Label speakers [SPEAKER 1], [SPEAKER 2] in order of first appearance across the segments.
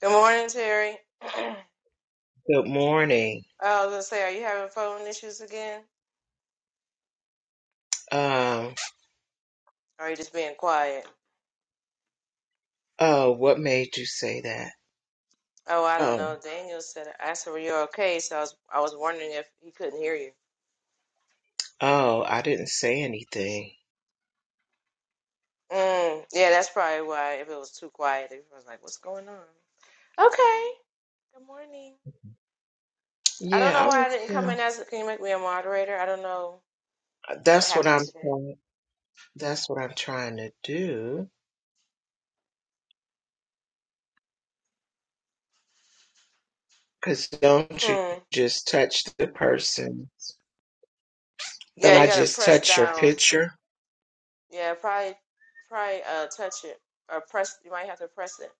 [SPEAKER 1] Good morning, Terry. I
[SPEAKER 2] Good morning.
[SPEAKER 1] was gonna say, are you having phone issues again?
[SPEAKER 2] Um,
[SPEAKER 1] Or are you just being quiet?
[SPEAKER 2] oh, what made you say that?
[SPEAKER 1] Oh, I don't
[SPEAKER 2] Oh,
[SPEAKER 1] know. Daniel said I said, Were you okay? So I was I was wondering if he couldn't hear you.
[SPEAKER 2] oh, I didn't say anything.
[SPEAKER 1] Mm, yeah, that's probably why if it was too quiet, if I was like, What's going on? Okay. Good morning. I don't
[SPEAKER 2] Yeah,
[SPEAKER 1] know
[SPEAKER 2] I
[SPEAKER 1] why
[SPEAKER 2] was.
[SPEAKER 1] I didn't come in
[SPEAKER 2] um,
[SPEAKER 1] as can you make me a moderator? I don't know what
[SPEAKER 2] That's what
[SPEAKER 1] happened
[SPEAKER 2] I'm.
[SPEAKER 1] today.
[SPEAKER 2] trying- That's what I'm trying to do. Cause don't you
[SPEAKER 1] Mm.
[SPEAKER 2] just touch the person? Don't
[SPEAKER 1] Yeah, you
[SPEAKER 2] I
[SPEAKER 1] gotta
[SPEAKER 2] just
[SPEAKER 1] press
[SPEAKER 2] touch your
[SPEAKER 1] down.
[SPEAKER 2] picture?
[SPEAKER 1] Yeah, probably probably uh touch it. Or press you might have to press it.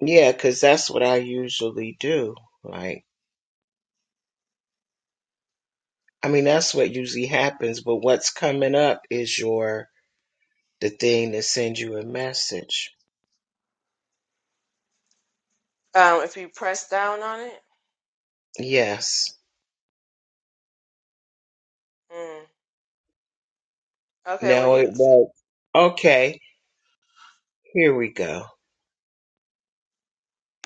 [SPEAKER 2] Yeah, cause that's what I usually do. Like, I mean, that's what usually happens. But what's coming up is your the thing that sends you a message.
[SPEAKER 1] Um if you press down on it.
[SPEAKER 2] Yes.
[SPEAKER 1] Mm. Okay, well
[SPEAKER 2] No, it
[SPEAKER 1] you
[SPEAKER 2] won't. Okay, here we go.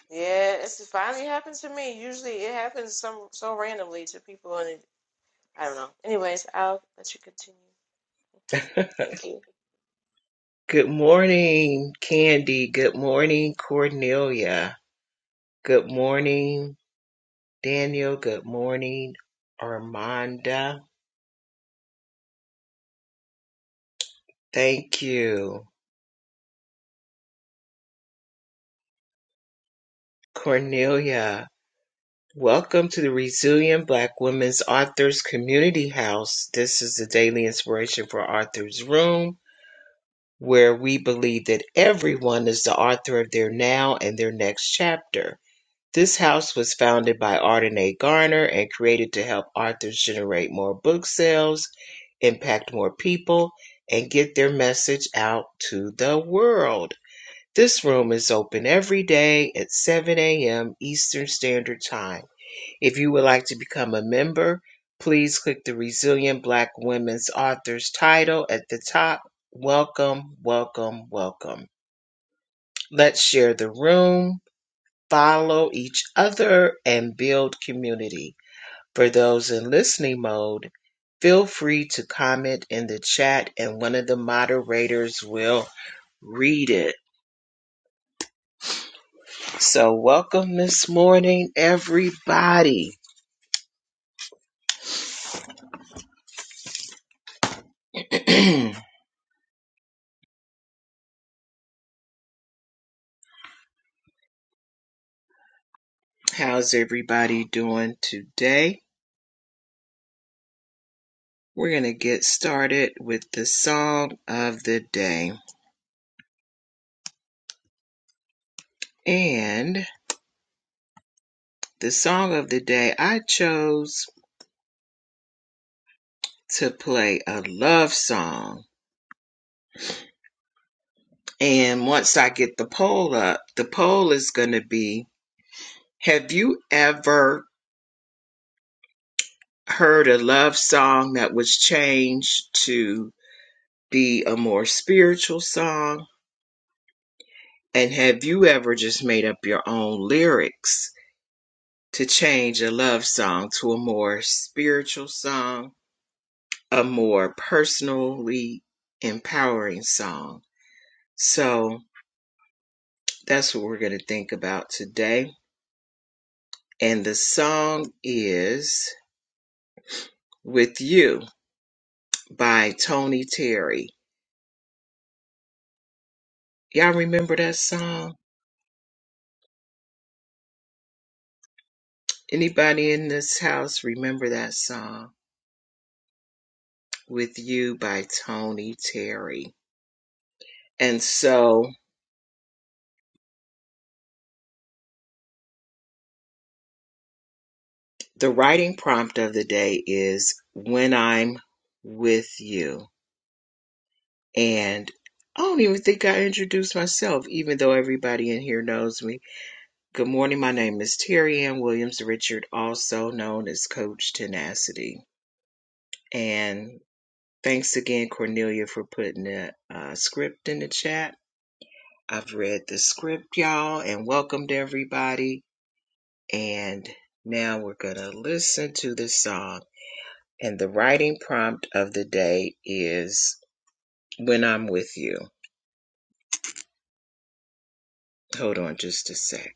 [SPEAKER 1] yeah, it's it finally happened to me. Usually it happens some so randomly to people and it, I don't know. Anyways, I'll let you continue. Thank you.
[SPEAKER 2] Good morning, Candy. Good morning, Cornelia. Good morning, Daniel. Good morning, Armanda. Thank you, Cornelia. Welcome to the Resilient Black Women's Authors Community House. This is the daily inspiration for Authors Room, where we believe that everyone is the author of their now and their next chapter. This house was founded by Arden A. Garner and created to help authors generate more book sales, impact more people, and get their message out to the world. This room is open every day at 7 a.m. Eastern Standard Time. If you would like to become a member, please click the Resilient Black Women's Authors title at the top. Welcome, welcome, welcome. Let's share the room follow each other and build community. For those in listening mode, feel free to comment in the chat and one of the moderators will read it. So, welcome this morning, everybody. How's everybody doing today? We're going to get started with the song of the day. And the song of the day, I chose to play a love song And once I get the poll up, the poll is going to be Have you ever heard a love song that was changed to be a more spiritual song? And have you ever just made up your own lyrics to change a love song to a more spiritual song, a more personally empowering song? So that's what we're going to think about today. And the song is With You by Tony Terry. Y'all remember that song? Anybody in this house remember that song? With You by Tony Terry. And so the writing prompt of the day is When I'm With You. And I don't even think I introduced myself, even though everybody in here knows me. Good morning. My name is Terry Ann Williams Richard, also known as Coach Tenacity. And Thanks again, Cornelia, for putting the uh, script in the chat. I've read the script, y'all, and welcomed everybody. And now we're going to listen to the song. And the writing prompt of the day is When I'm With You. Hold on just a sec.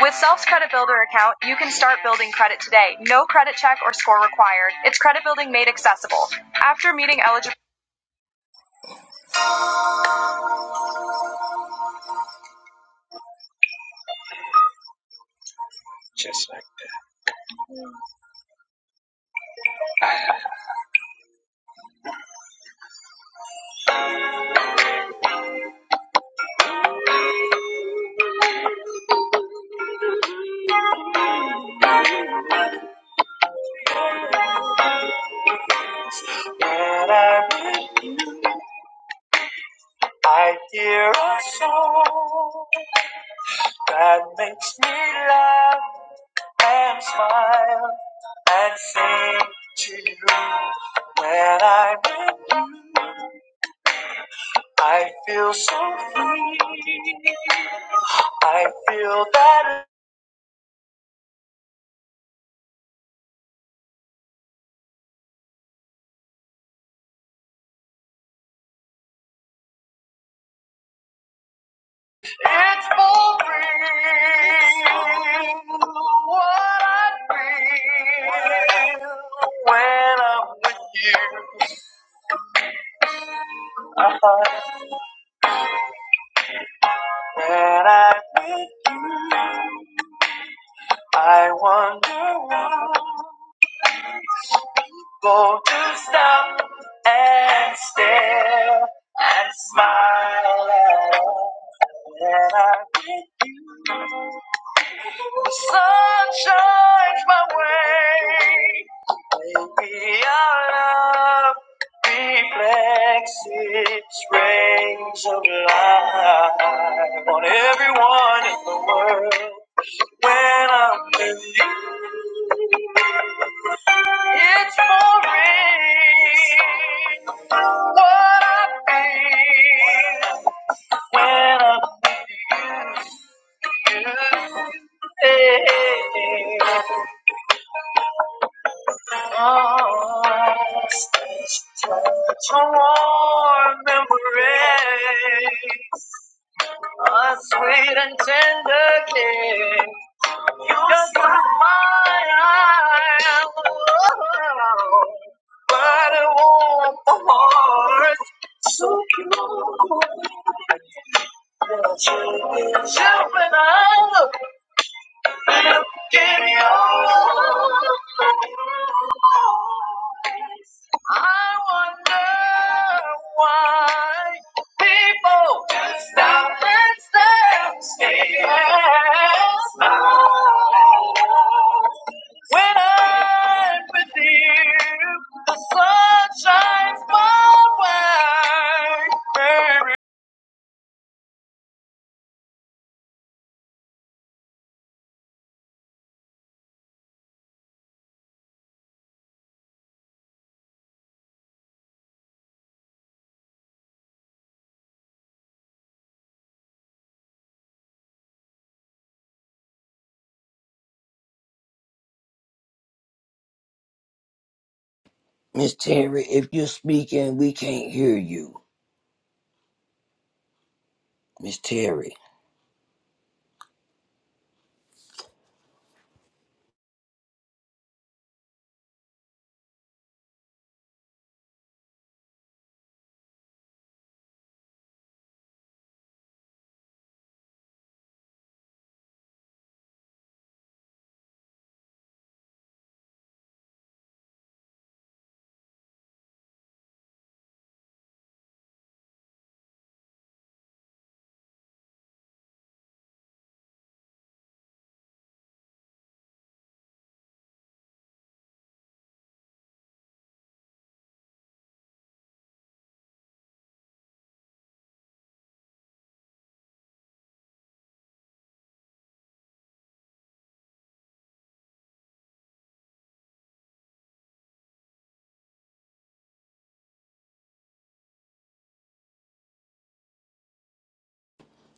[SPEAKER 2] With Self's Credit Builder account, you can start building credit today. No credit check or score required. It's credit building made accessible. After meeting eligible. And I read, I hear a song. God makes me laugh and smile and sing to you. When I'm with you, I feel so free. I feel that it's for real. What I feel when I'm with you. Uh-huh. When I'm with you, I wonder why. Go to stop and stare and smile at all that I do. the sun shines my way. Maybe our love reflects its rays of light on everyone in the world. When I'm with you. It's pouring. What a pain. When I'm with you. Hey, Oh, such a warm embrace. A sweet and tender kiss. Just like fire, but it warm the heart. So pure, jumping out.
[SPEAKER 3] Miss Terry, if you're speaking, we can't hear you. Miss Terry.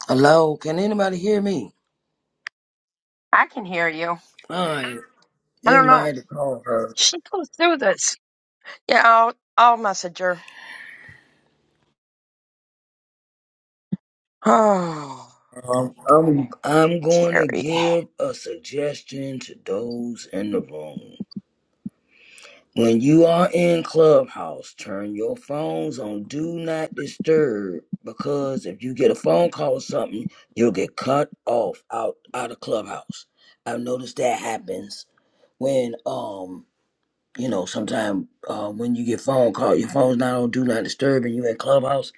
[SPEAKER 3] Hello, can anybody hear me?
[SPEAKER 4] I can hear you.
[SPEAKER 3] Fine.
[SPEAKER 4] I don't know.
[SPEAKER 3] Anybody to call her.
[SPEAKER 4] She goes through this. Yeah, I'll I'll message her. Oh,
[SPEAKER 3] Um, I'm
[SPEAKER 4] okay.
[SPEAKER 3] I'm going to
[SPEAKER 4] Terry.
[SPEAKER 3] give a suggestion to those in the room. When you are in Clubhouse, turn your phones on Do Not Disturb because if you get a phone call or something, you'll get cut off out out of Clubhouse. I've noticed that happens when um You know, sometimes uh, when you get phone call, your phone's not on do not disturb, and you in clubhouse.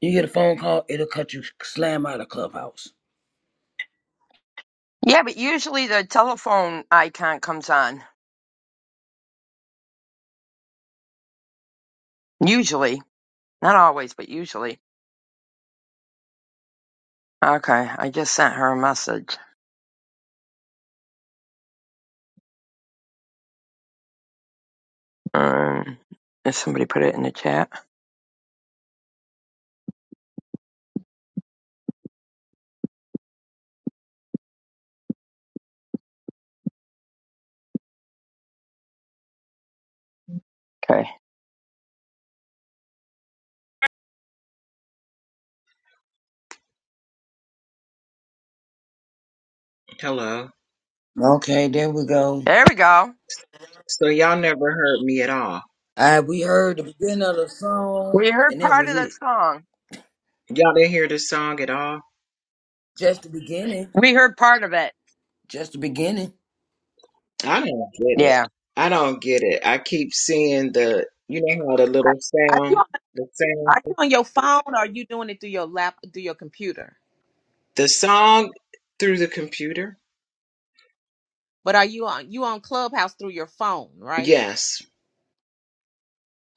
[SPEAKER 3] You get a phone call, it'll cut you slam out of clubhouse.
[SPEAKER 4] Yeah, but usually the telephone icon comes on. Usually, not always, but usually. Okay, I just sent her a message. Um, did somebody put it in the chat? Okay,
[SPEAKER 2] Hello.
[SPEAKER 3] Okay, there we go.
[SPEAKER 4] there we go.
[SPEAKER 2] So y'all never heard me at all.
[SPEAKER 3] All right, we heard the beginning of the song,
[SPEAKER 4] We heard
[SPEAKER 3] and that
[SPEAKER 4] part
[SPEAKER 3] was
[SPEAKER 4] of the
[SPEAKER 3] it.
[SPEAKER 4] song.
[SPEAKER 2] Y'all didn't hear this song at all.
[SPEAKER 3] Just the beginning.
[SPEAKER 4] We heard part of it.
[SPEAKER 3] Just the beginning.
[SPEAKER 2] I don't get it.
[SPEAKER 4] Yeah.
[SPEAKER 2] I don't get it. I keep seeing the, you know how the little
[SPEAKER 5] Are you
[SPEAKER 2] sound,
[SPEAKER 5] on,
[SPEAKER 2] the sound,
[SPEAKER 5] are you on your phone or are you doing it through your lap through your computer?
[SPEAKER 2] the song through the computer.
[SPEAKER 5] But are you on you on Clubhouse through your phone, right?
[SPEAKER 2] Yes.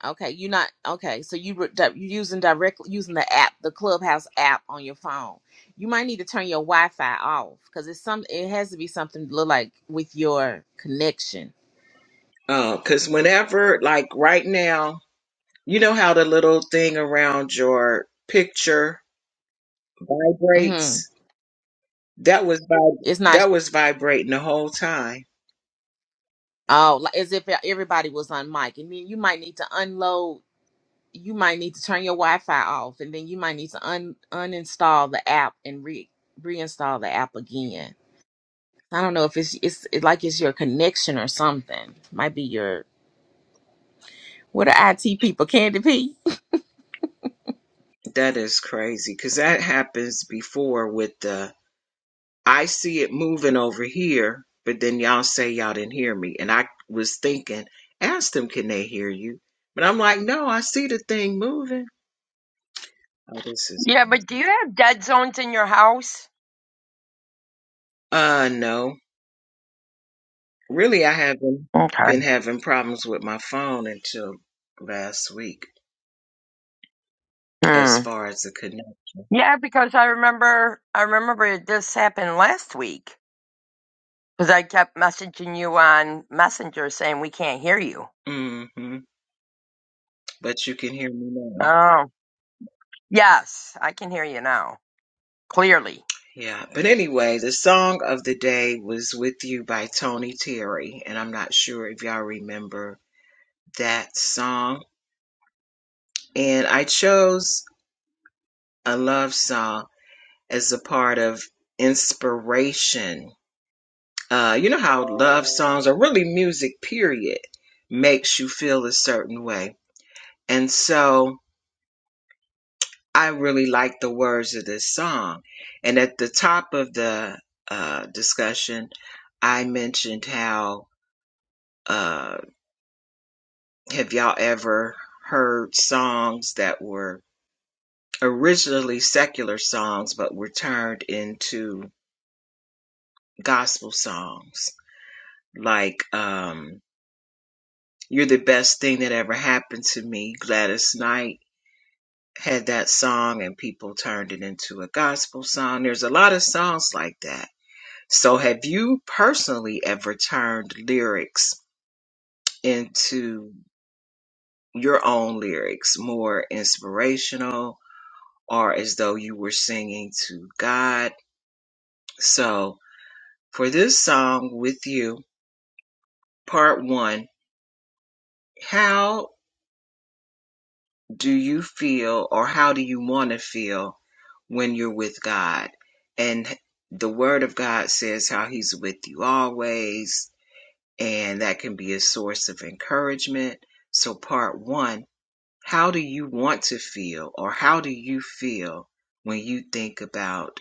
[SPEAKER 5] Okay, you're not okay. So you re- di- you're using directly using the app, the Clubhouse app on your phone. You might need to turn your Wi-Fi off because it's some. It has to be something to look like with your connection.
[SPEAKER 2] Uh, cause whenever, like right now, you know how the little thing around your picture
[SPEAKER 5] Mm-hmm.
[SPEAKER 2] vibrates. That was vib-
[SPEAKER 5] It's not
[SPEAKER 2] that was vibrating the whole time.
[SPEAKER 5] oh, like, as if e, everybody was on mic, and then you might need to unload you might need to turn your Wi-Fi off, and then you might need to un uninstall the app and re reinstall the app again. I don't know if it's it's it, like it's your connection or something. Might be your what are IT people Candy P?
[SPEAKER 2] That is crazy. Cause that happens before with the I see it moving over here, but then y'all say y'all didn't hear me. And I was thinking, ask them, can they hear you? But I'm like, no, I see the thing moving. Oh, this is,
[SPEAKER 4] Yeah, but do you have dead zones in your house?
[SPEAKER 2] uh, no. Really, I haven't
[SPEAKER 4] Okay.
[SPEAKER 2] been having problems with my phone until last week
[SPEAKER 4] Hmm.
[SPEAKER 2] as far as the connect.
[SPEAKER 4] Yeah, because I remember I remember this happened last week because I kept messaging you on Messenger saying we can't hear you.
[SPEAKER 2] hmm But you can hear me now.
[SPEAKER 4] Oh, yes, I can hear you now clearly.
[SPEAKER 2] Yeah. But anyway, the song of the day was With You by Tony Terry. And I'm not sure if y'all remember that song And I chose a love song as a part of inspiration. Uh, you know how love songs or really music, period, makes you feel a certain way. And so I really like the words of this song. And at the top of the uh, discussion, I mentioned how uh, have y'all ever heard songs that were originally secular songs but were turned into gospel songs like um, You're the Best Thing That Ever Happened to Me. Gladys Knight had that song and people turned it into a gospel song. There's a lot of songs like that. So, have you personally ever turned lyrics into your own lyrics, more inspirational or as though you were singing to God? So, for this song with you, part one, how do you feel or how do you want to feel when you're with God? And the Word of God says how He's with you always, and that can be a source of encouragement. So, part one how do you want to feel or how do you feel when you think about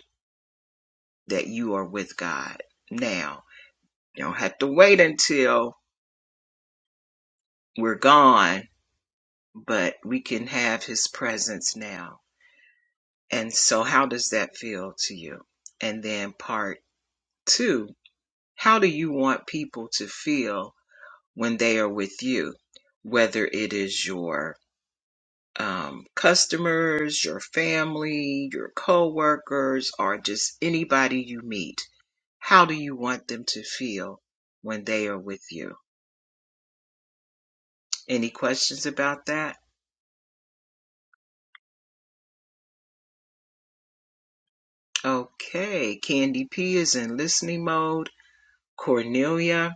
[SPEAKER 2] that you are with God now? You don't have to wait until we're gone, but we can have His presence now And so, how does that feel to you? And then, part two, how do you want people to feel when they are with you, whether it is your um, customers, your family, your coworkers, or just anybody you meet? How do you want them to feel when they are with you? Any questions about that? Okay, Candy P is in listening mode. Cornelia,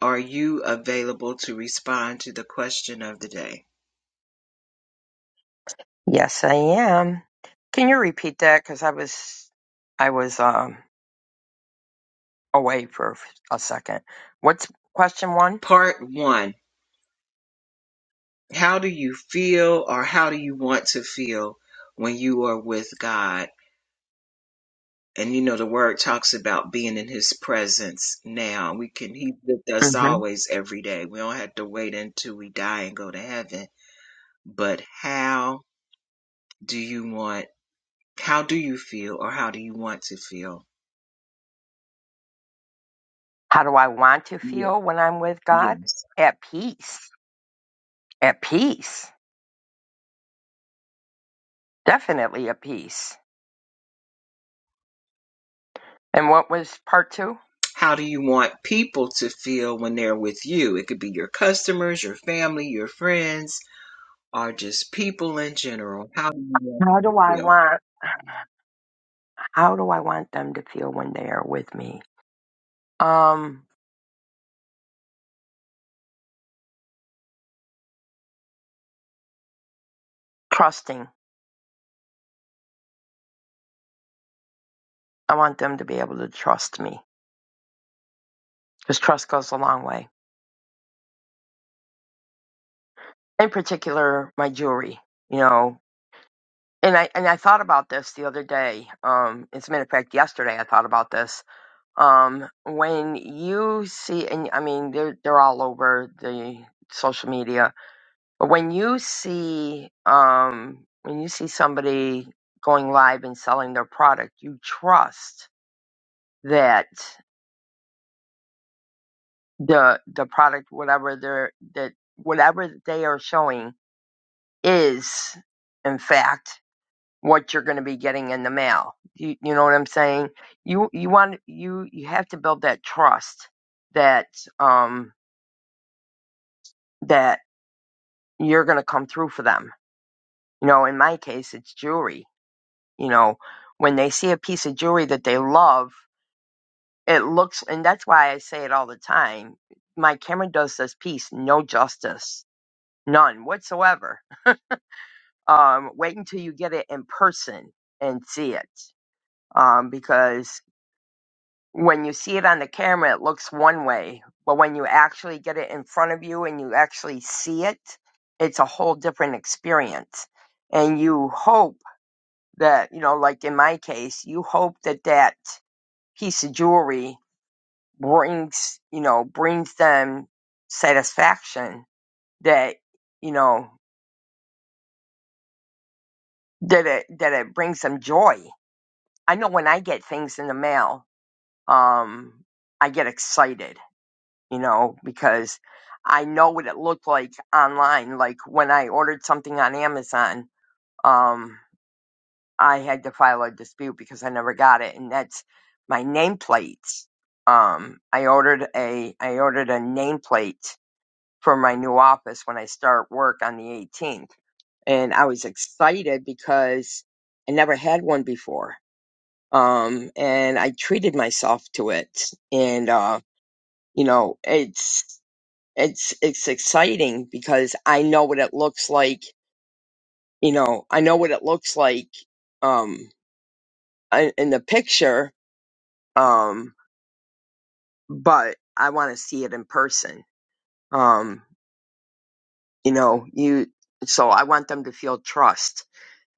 [SPEAKER 2] Are you available to respond to the question of the day?
[SPEAKER 4] Yes, I am. Can you repeat that? Because I was I was um away for a second. What's question one?
[SPEAKER 2] Part one How do you feel or how do you want to feel when you are with God? And you know, the word talks about being in his presence now. We can, he's with us
[SPEAKER 4] Mm-hmm.
[SPEAKER 2] always every day. We don't have to wait until we die and go to heaven. But how do you want, how do you feel or how do you want to feel?
[SPEAKER 4] How do I want to
[SPEAKER 2] Yeah.
[SPEAKER 4] feel when I'm with God?
[SPEAKER 2] Yes.
[SPEAKER 4] At peace. At peace. Definitely at peace. And what was part two?
[SPEAKER 2] how do you want people to feel when they're with you? It could be your customers, your family, your friends, or just people in general. How do you want
[SPEAKER 4] How
[SPEAKER 2] them
[SPEAKER 4] do
[SPEAKER 2] to
[SPEAKER 4] I
[SPEAKER 2] feel?
[SPEAKER 4] want? How do I want them to feel when they are with me? Um, trusting. I want them to be able to trust me because trust goes a long way. In particular, my jewelry. You know, and I and I thought about this the other day. Um, as a matter of fact, yesterday I thought about this. Um, when you see, and I mean, they're they're all over the social media, but when you see, um, when you see somebody going live and selling their product, you trust that. the the product whatever they're that whatever they are showing is in fact what you're going to be getting in the mail you, you know what i'm saying you you want you you have to build that trust that um that you're going to come through for them you know in my case it's jewelry you know when they see a piece of jewelry that they love it looks and that's why i say it all the time my camera does this piece no justice none whatsoever Um, wait until you get it in person and see it. Um, because when you see it on the camera, it looks one way. But when you actually get it in front of you and you actually see it, it's a whole different experience. And you hope that, you know, like in my case, you hope that that piece of jewelry brings, you know, brings them satisfaction that, you know, that it, that it brings them joy. I know when I get things in the mail, um, I get excited, you know, because I know what it looked like online. Like when I ordered something on Amazon, um, I had to file a dispute because I never got it, and that's my nameplate. Um, I ordered a I ordered a nameplate for my new office when I start work on the 18th, and I was excited because I never had one before. Um, and I treated myself to it, and uh, You know, it's it's it's exciting because I know what it looks like. You know, I know what it looks like um in in the picture um but I want to see it in person. Um you know, you so I want them to feel trust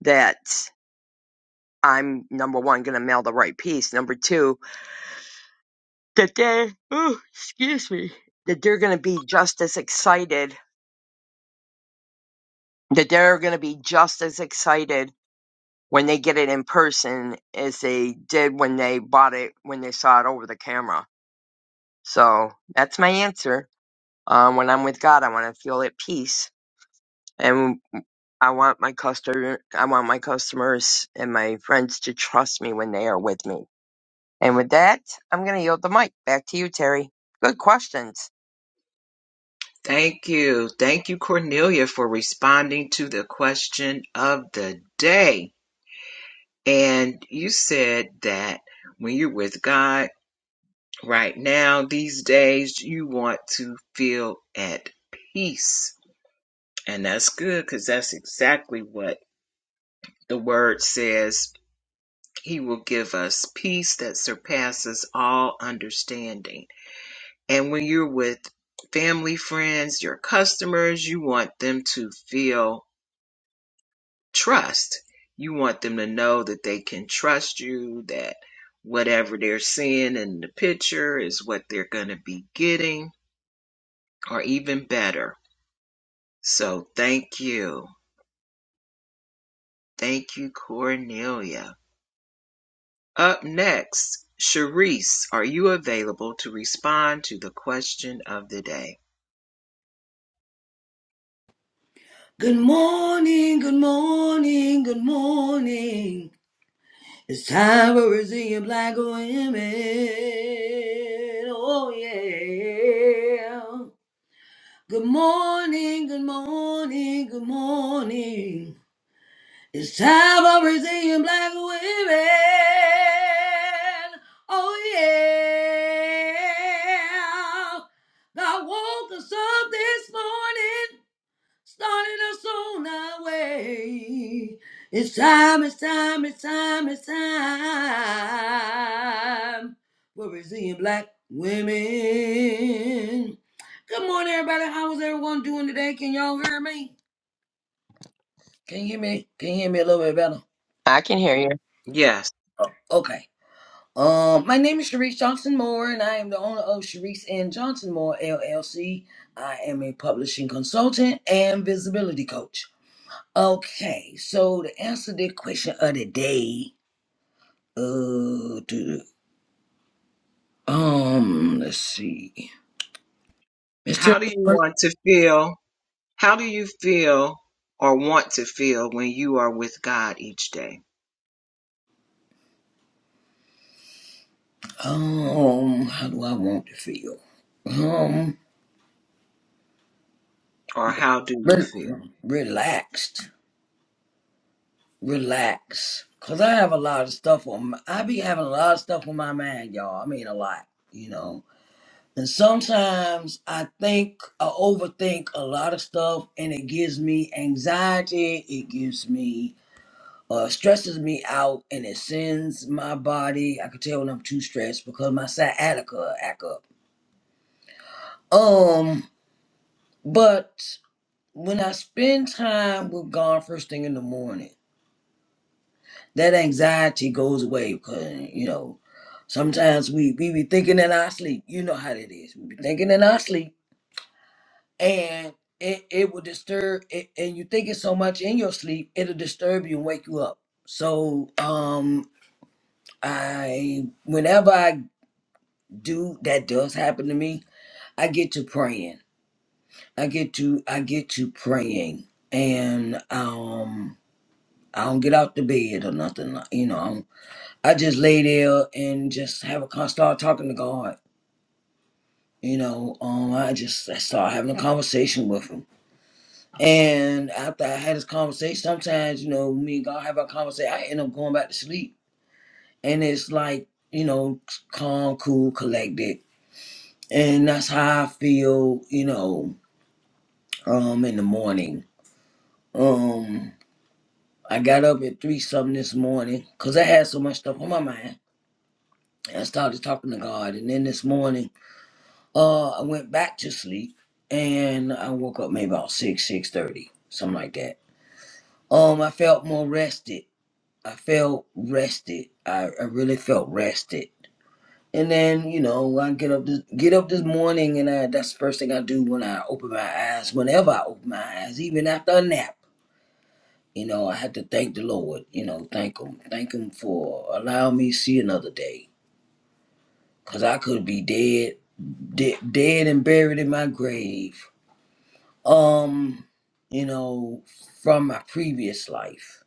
[SPEAKER 4] that I'm number one going to mail the right piece. Number two, that they, oh, excuse me, that they're going to be just as excited. That they're going to be just as excited when they get it in person as they did when they bought it when they saw it over the camera. So that's my answer. Um, when I'm with God, I want to feel at peace, and I want my customer, I want my customers and my friends to trust me when they are with me. And with that, I'm going to yield the mic back to you, Terry. Good questions.
[SPEAKER 2] Thank you. Thank you, Cornelia, for responding to the question of the day. And you said that when you're with God right now, these days, you want to feel at peace. And that's good because that's exactly what the word says He will give us peace that surpasses all understanding. And when you're with family, friends, your customers, you want them to feel trust. You want them to know that they can trust you, that whatever they're seeing in the picture is what they're going to be getting, or even better. So thank you. Thank you, Cornelia. Up next, Sharice, are you available to respond to the question of the day?
[SPEAKER 3] Good morning, good morning, good morning. It's time for Brazilian black women. Oh yeah. Good morning, good morning, good morning. It's time for Brazilian black women. Oh yeah. God woke us up this morning starting us on our way. It's time, it's time, it's time, it's time for resilient black women. Good morning, everybody. How is everyone doing today? Can y'all hear me? Can you hear me? Can you hear me a little bit better?
[SPEAKER 4] I can hear you.
[SPEAKER 2] Yes.
[SPEAKER 3] Okay. Um, my name is Sharice Johnson Moore, and I am the owner of Sharice and Johnson Moore LLC. I am a publishing consultant and visibility coach. Okay, so to answer the question of the day, uh, do, um, let's see, Mister,
[SPEAKER 2] How do you want to feel? How do you feel or want to feel when you are with God each day?
[SPEAKER 3] um, how do I want to feel? Um,
[SPEAKER 2] Or how do you
[SPEAKER 3] re-
[SPEAKER 2] feel?
[SPEAKER 3] relaxed, relax, cause I have a lot of stuff on. My, I be having a lot of stuff on my mind, y'all. I mean, a lot, you know. And sometimes I think I overthink a lot of stuff, and it gives me anxiety. It gives me uh, stresses me out and it sends my body. I can tell when I'm too stressed because my sciatica act up. Um, but when I spend time with God first thing in the morning, that anxiety goes away because you know sometimes we we be thinking in our sleep. You know how that is. We be thinking in our sleep and. It, it will disturb it, and you think it so much in your sleep it'll disturb you and wake you up so um i whenever i dude, that does happen to me. I get to praying. I get to I get to praying, and um, I don't get out the bed or nothing. like- You know, I'm, I just lay there and just have a con start talking to God. You know, um, I just I start having a conversation with him. And after I had this conversation, sometimes you know me and God have a conversation. I end up going back to sleep, and it's like you know calm, cool, collected, and that's how I feel. You know, um in the morning. Um I got up at three something this morning because I had so much stuff on my mind. I started talking to God and then this morning uh I went back to sleep and I woke up maybe about six, six thirty, something like that. Um I felt more rested. I felt rested. I, I really felt rested. And then, you know, I get up this get up this morning and I that's the first thing I do when I open my eyes, whenever I open my eyes, even after a nap. You know, I had to thank the Lord. You know, thank Him, thank Him for allowing me to see another day. Cause I could be dead, de- dead and buried in my grave. Um, you know, from my previous life.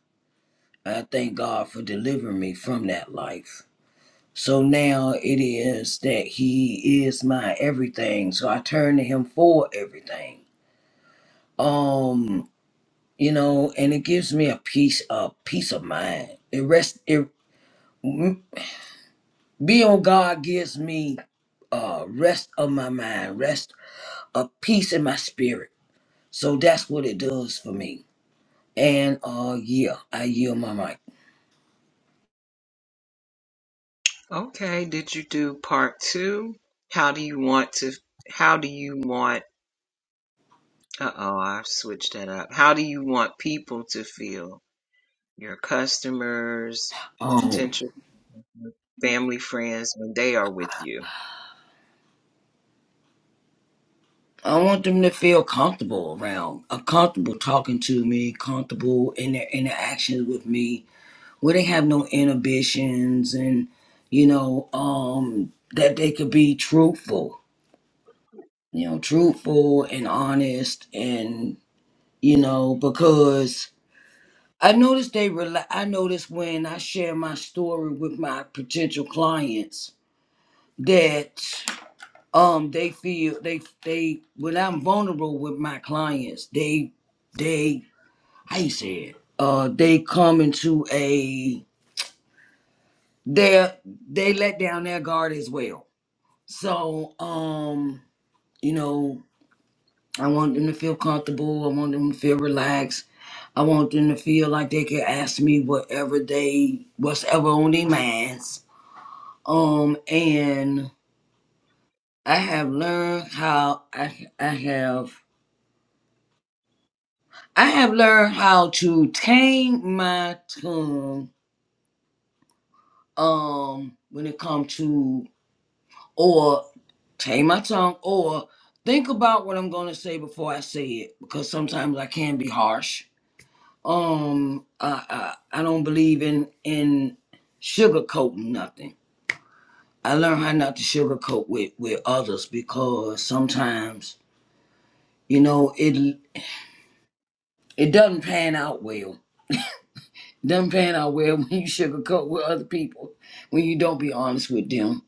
[SPEAKER 3] I thank God for delivering me from that life. So now it is that He is my everything. So I turn to Him for everything. Um, you know, and it gives me a peace, a peace of mind. It rest. It. mm, Being on God gives me uh, rest of my mind, rest of peace in my spirit. So that's what it does for me. And uh, yeah, I yield my mic.
[SPEAKER 2] Okay, did you do part two? How do you want to, how do you want, uh oh, I've switched that up. How do you want people to feel? Your customers,
[SPEAKER 3] Um,
[SPEAKER 2] potential family, friends, when they are with you?
[SPEAKER 3] I want them to feel comfortable around, uh, comfortable talking to me, comfortable in their interactions with me, where they have no inhibitions, and you know um, that they could be truthful, you know, truthful and honest, and you know because I noticed they rely. I noticed when I share my story with my potential clients that um they feel they they when I'm vulnerable with my clients they they how you say it uh they come into a they they let down their guard as well so um you know I want them to feel comfortable. I want them to feel relaxed. I want them to feel like they can ask me whatever they, whatever on their minds. Um, and I have learned how I, I have, I have learned how to tame my tongue. Um, when it comes to or tame my tongue or think about what I'm gonna say before I say it because sometimes I can be harsh um I, I I don't believe in in sugarcoating nothing. I learned how not to sugarcoat with with others because sometimes you know it it doesn't pan out well. doesn't pan out well when you sugarcoat with other people when you don't be honest with them.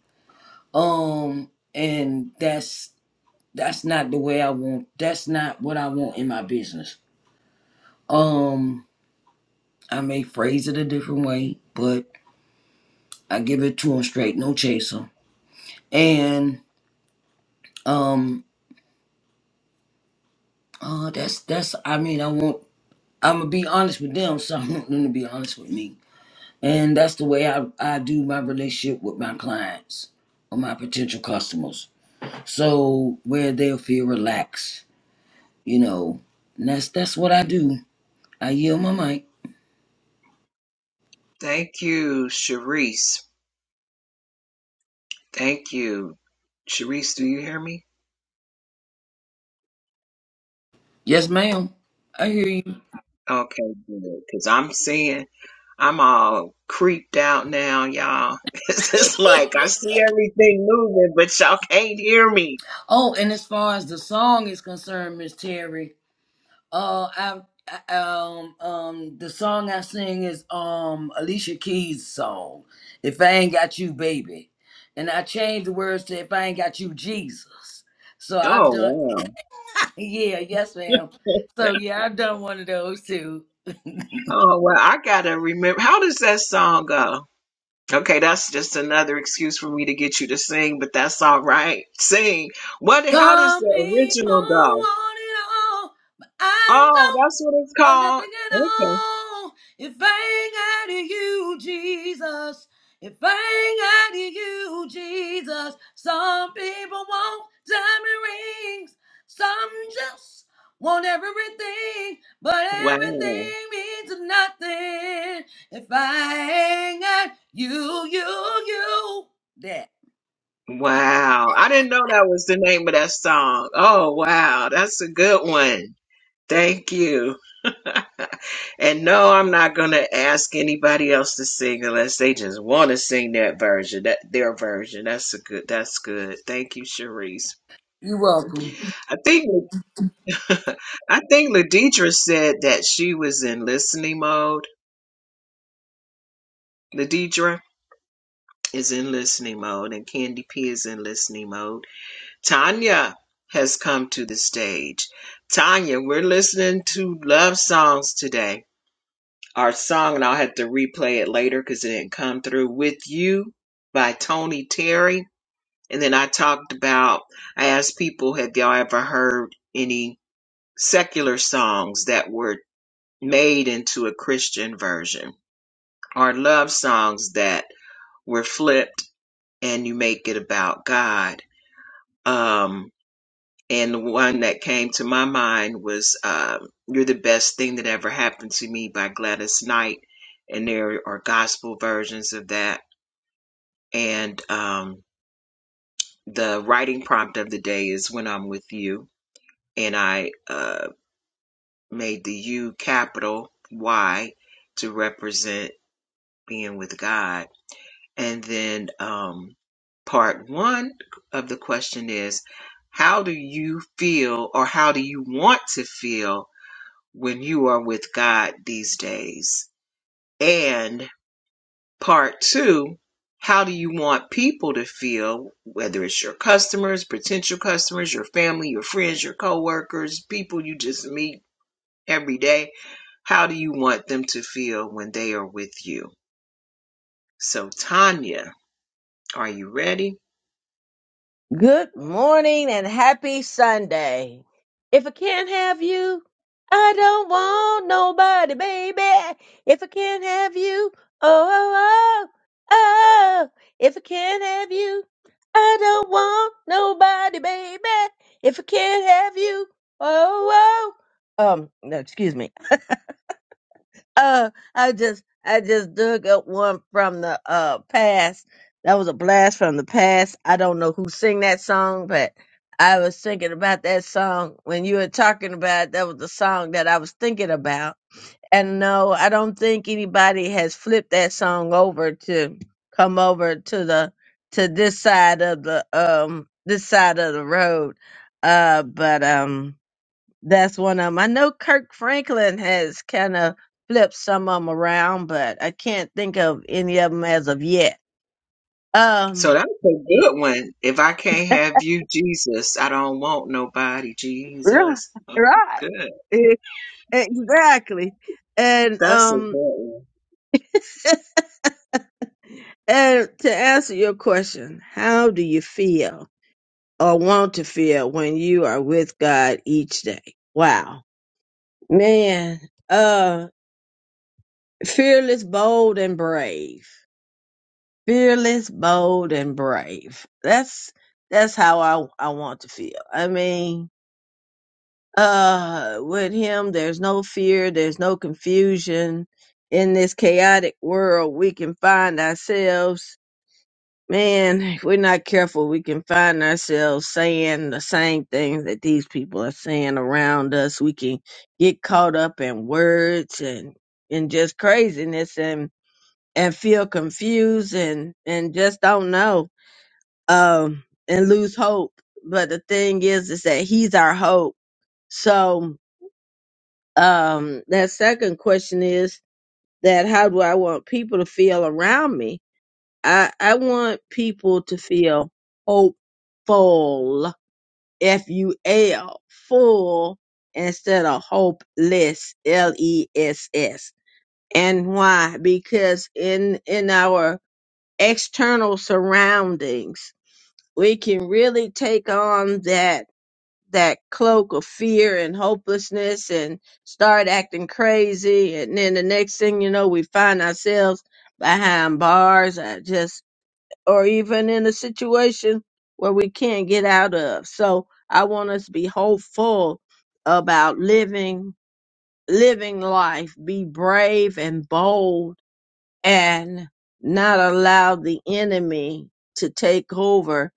[SPEAKER 3] Um and that's that's not the way I want. That's not what I want in my business. Um I may phrase it a different way, but I give it to them straight, no chaser and um uh that's that's i mean i want i'm gonna be honest with them so i want them to be honest with me and that's the way i i do my relationship with my clients or my potential customers so where they'll feel relaxed you know and that's that's what i do i yield my mic
[SPEAKER 2] Thank you, Sharice. Thank you. Sharice, do you hear me?
[SPEAKER 3] yes ma'am i hear you
[SPEAKER 2] Okay, good. Because I'm seeing, I'm all creeped out now, y'all. It's just like I see everything moving, but y'all can't hear me.
[SPEAKER 3] oh and as far as the song is concerned miss terry Uh, I, I um um the song I sing is um Alicia Keys' song, "If I Ain't Got You, Baby," and I changed the words to "If I Ain't Got You, Jesus." So I've
[SPEAKER 2] Oh,
[SPEAKER 3] done,
[SPEAKER 2] wow.
[SPEAKER 3] yeah, yes, ma'am. So yeah, I've done one of those too.
[SPEAKER 2] Oh, well, I got to remember. How does that song go? Okay, that's just another excuse for me to get you to sing, but that's all right. Sing. What? How does
[SPEAKER 3] Some
[SPEAKER 2] the
[SPEAKER 3] people
[SPEAKER 2] original go?
[SPEAKER 3] want it all, but I
[SPEAKER 2] Oh,
[SPEAKER 3] don't
[SPEAKER 2] that's what it's
[SPEAKER 3] want
[SPEAKER 2] called.
[SPEAKER 3] nothing at
[SPEAKER 2] Okay.
[SPEAKER 3] all. If I ain't out of you, Jesus. If I ain't out of you, Jesus. Some people want diamond rings. Some just want everything, but
[SPEAKER 2] Wow.
[SPEAKER 3] everything means nothing. If I ain't got you, you, you. That.
[SPEAKER 2] Wow. I didn't know that was the name of that song. Oh, wow. That's a good one. Thank you. and no, I'm not going to ask anybody else to sing unless they just want to sing that version, that their version. That's a good. That's good. Thank you, Cherise.
[SPEAKER 3] You're welcome.
[SPEAKER 2] I think I think Ladidra said that she was in listening mode. Ladidra is in listening mode and Candy P is in listening mode. Tanya has come to the stage. Tanya, we're listening to love songs today. Our song, and I'll have to replay it later because it didn't come through, With You by Tony Terry. And then I talked about, I asked people, have y'all ever heard any secular songs that were made into a Christian version or love songs that were flipped and you make it about God? Um, and the one that came to my mind was um, "You're the Best Thing That Ever Happened to Me" by Gladys Knight, and there are gospel versions of that. And um, the writing prompt of the day is "When I'm with you," and I uh, made the U capital Y to represent being with God. And then um, part one of the question is, how do you feel, or how do you want to feel? when you are with God these days? And part two, how do you want people to feel, whether it's your customers, potential customers, your family, your friends, your coworkers, people you just meet every day? How do you want them to feel when they are with you? So, Tanya, are you ready?
[SPEAKER 6] Good morning and happy Sunday. If I can't have you, I don't want nobody, baby. If I can't have you, oh, oh, oh, oh. If I can't have you, I don't want nobody, baby. If I can't have you, oh, oh. Um, no, excuse me. Uh, I just I just dug up one from the uh past. That was a blast from the past. I don't know who sing that song, but I was thinking about that song when you were talking about. it, That was the song that I was thinking about. And no, I don't think anybody has flipped that song over to come over to the to this side of the um this side of the road. Uh, but um. That's one of them. I know Kirk Franklin has kind of flipped some of them around, but I can't think of any of them as of yet.
[SPEAKER 2] So
[SPEAKER 6] Um,
[SPEAKER 2] that's a good one. If I can't have you, Jesus, I don't want nobody,
[SPEAKER 6] right,
[SPEAKER 2] Jesus. Oh,
[SPEAKER 6] right,
[SPEAKER 2] good.
[SPEAKER 6] E- exactly. And
[SPEAKER 2] That's a good
[SPEAKER 6] um,
[SPEAKER 2] one.
[SPEAKER 6] and to answer your question, how do you feel or want to feel when you are with God each day? Wow, man, uh, fearless, bold, and brave. fearless, bold, and brave. That's that's how I I want to feel. I mean, uh, with him, there's no fear, there's no confusion. In this chaotic world, we can find ourselves. Man, if we're not careful, we can find ourselves saying the same things that these people are saying around us. We can get caught up in words and and just craziness and and feel confused and and just don't know um, and lose hope. But the thing is, is that he's our hope. So um, that second question is that how do I want people to feel around me? I, I want people to feel hopeful, F U L, full instead of hopeless, L E S S. And why? Because in in our external surroundings, we can really take on that that cloak of fear and hopelessness and start acting crazy. And then the next thing you know, we find ourselves behind bars or just, or even in a situation where we can't get out of. So I want us to be hopeful about living, living life, be brave and bold and not allow the enemy to take over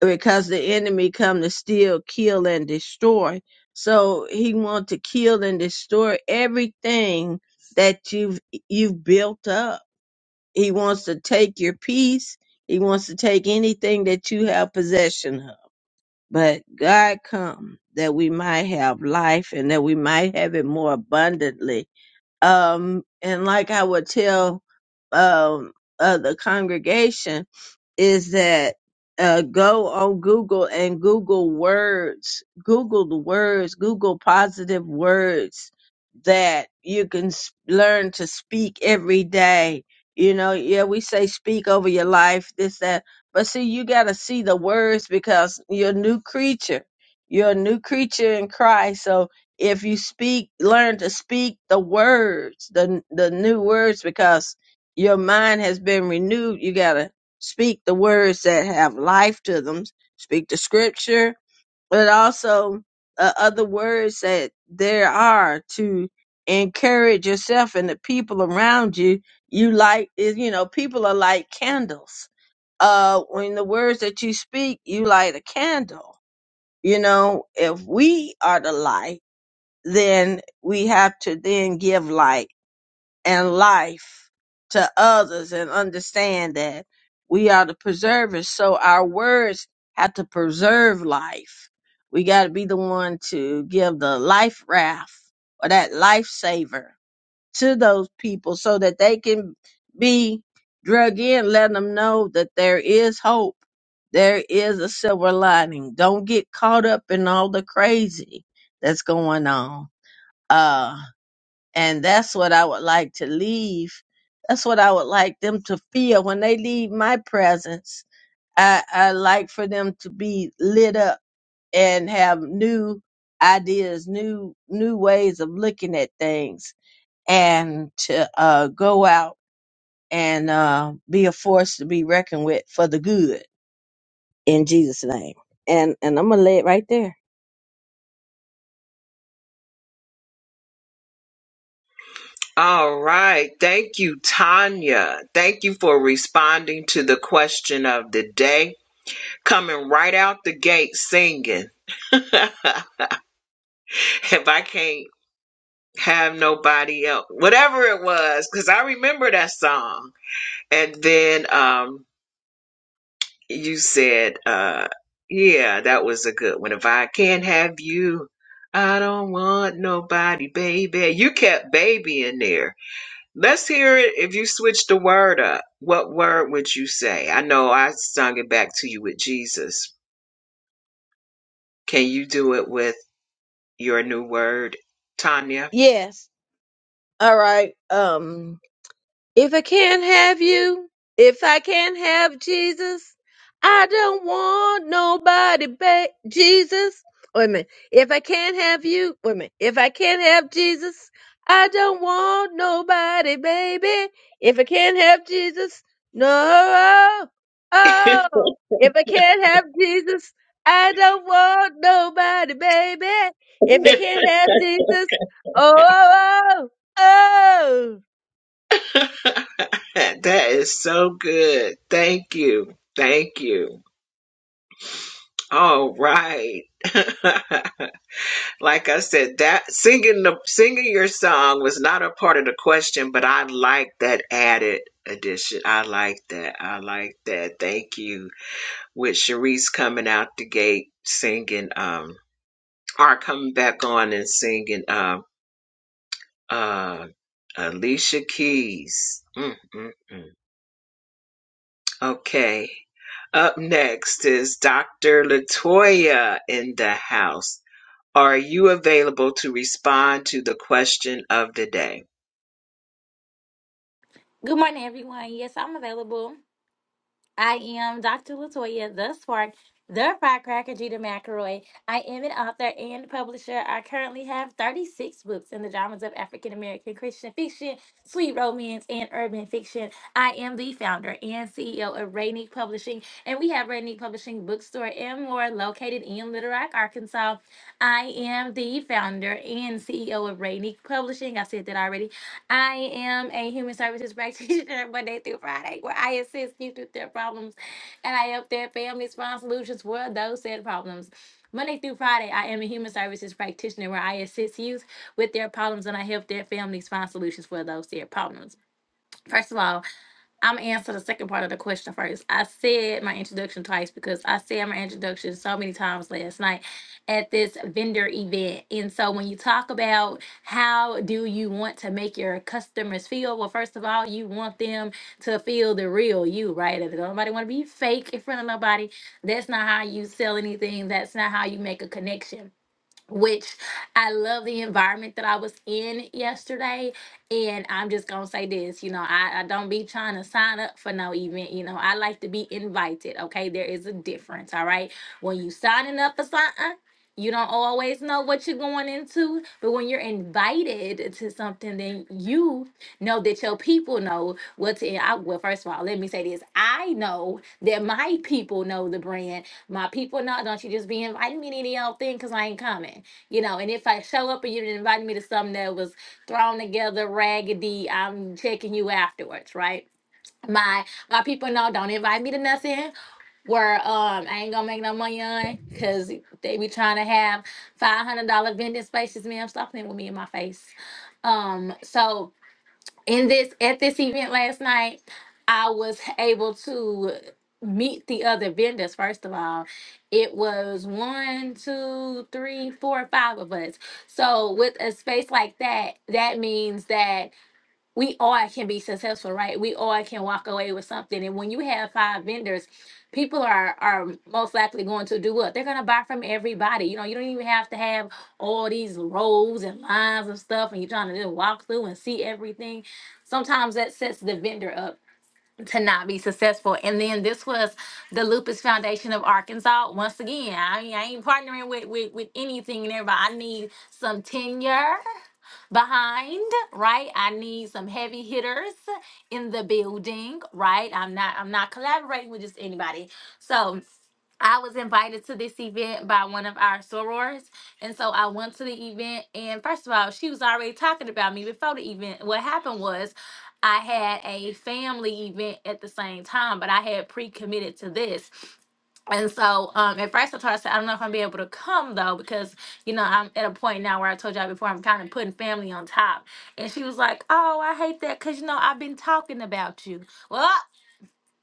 [SPEAKER 6] because the enemy come to steal, kill, and destroy. So he want to kill and destroy everything that you've you've built up. He wants to take your peace. He wants to take anything that you have possession of. But God come that we might have life and that we might have it more abundantly um, and like I would tell um, uh, the congregation is that uh, go on Google and Google words, Google the words, Google positive words that you can s- learn to speak every day. You know, yeah, we say speak over your life, this, that, but see, you got to see the words because you're a new creature. You're a new creature in Christ. So if you speak, learn to speak the words, the the new words, because your mind has been renewed. You gotta speak the words that have life to them. Speak the scripture, but also uh, other words that there are to encourage yourself and the people around you. You like, you know, people are like candles uh when the words that you speak you light a candle you know if we are the light then we have to then give light and life to others and understand that we are the preservers. So our words have to preserve life. We got to be the one to give the life raft or that lifesaver to those people so that they can be drug in, letting them know that there is hope. There is a silver lining. Don't get caught up in all the crazy that's going on uh, and that's what I would like to leave. That's what I would like them to feel when they leave my presence. I, I like for them to be lit up and have new ideas, new new ways of looking at things, and to uh, go out and uh, be a force to be reckoned with for the good in Jesus' name. And and I'm gonna lay it right there.
[SPEAKER 2] All right. Thank you, Tanya. Thank you for responding to the question of the day. Coming right out the gate singing. if I can't have nobody else, whatever it was, because I remember that song. And then um, you said, uh, yeah, that was a good one. If I can't have you, I don't want nobody, baby. You kept baby in there Let's hear it. If you switch the word up, what word would you say? I know I sung it back to you with Jesus. Can you do it with your new word, Tanya?
[SPEAKER 6] Yes. All right. Um. If I can't have you, if I can't have Jesus, I don't want nobody but Jesus. Wait a minute. If I can't have you, wait a minute. If I can't have Jesus, I don't want nobody, baby. If I can't have Jesus, no. Oh, if I can't have Jesus, I don't want nobody, baby. If I can't have Jesus, oh, oh, oh.
[SPEAKER 2] that is so good. Thank you. Thank you. All right. like I said, that singing the singing your song was not a part of the question, but I like that added addition. I like that. I like that. Thank you. with Sharice coming out the gate singing um or coming back on and singing um uh Alicia Keys. Mm, mm, mm. Okay. Up next is Dr. Latoya in the house. Are you available to respond to the question of the day?
[SPEAKER 7] Good morning, everyone. Yes, I'm available. I am Dr. Latoya, the Spark, the Firecracker, Gita McElroy. I am an author and publisher. I currently have 36 books in the genres of African American Christian fiction, sweet romance, and urban fiction. I am the founder and CEO of Rainy Publishing, and we have Rainy Publishing Bookstore and more located in Little Rock, Arkansas. I am the founder and CEO of Rainy Publishing. I said that already. I am a human services practitioner Monday through Friday, where I assist youth with their problems and I help their families find solutions for those said problems. Monday through Friday, I am a human services practitioner where I assist youth with their problems and I help their families find solutions for those said problems. First of all, I'm gonna answer the second part of the question first. I said my introduction twice because I said my introduction so many times last night at this vendor event. And so when you talk about how do you want to make your customers feel, well, first of all, you want them to feel the real you, right? If nobody want to be fake in front of nobody, that's not how you sell anything. That's not how you make a connection which I love the environment that I was in yesterday. And I'm just gonna say this, you know, I, I don't be trying to sign up for no event. You know, I like to be invited. Okay, there is a difference. All right, when you signing up for something. You don't always know what you're going into, but when you're invited to something, then you know that your people know what to. I, well, first of all, let me say this: I know that my people know the brand, my people, no, don't you just be inviting me to any old thing because I ain't coming. You know, and if I show up and you didn't invite me to something that was thrown together, raggedy, I'm checking you afterwards, right? My my people know don't invite me to nothing where um I ain't gonna make no money on because they be trying to have five hundred dollar vending spaces, ma'am. Stop playing with me in my face. Um, so in this at this event last night, I was able to meet the other vendors. First of all, it was one, two, three, four, five of us. So with a space like that, that means that we all can be successful, right? We all can walk away with something. And when you have five vendors, people are are most likely going to do what? They're gonna buy from everybody. You know, you don't even have to have all these rows and lines of stuff and you're trying to just walk through and see everything. Sometimes that sets the vendor up to not be successful. And then this was the Lupus Foundation of Arkansas. Once again, I, I ain't partnering with, with with anything and everybody. I need some tenure behind, right? I need some heavy hitters in the building, right? I'm not I'm not collaborating with just anybody. So I was invited to this event by one of our sorors. And so I went to the event. And first of all, she was already talking about me before the event. What happened was I had a family event at the same time, but I had pre committed to this. And so um, at first I told her, I said, I don't know if I'm be able to come though, because, you know, I'm at a point now where I told y'all before I'm kind of putting family on top. And she was like, Oh, I hate that because, you know, I've been talking about you. Well,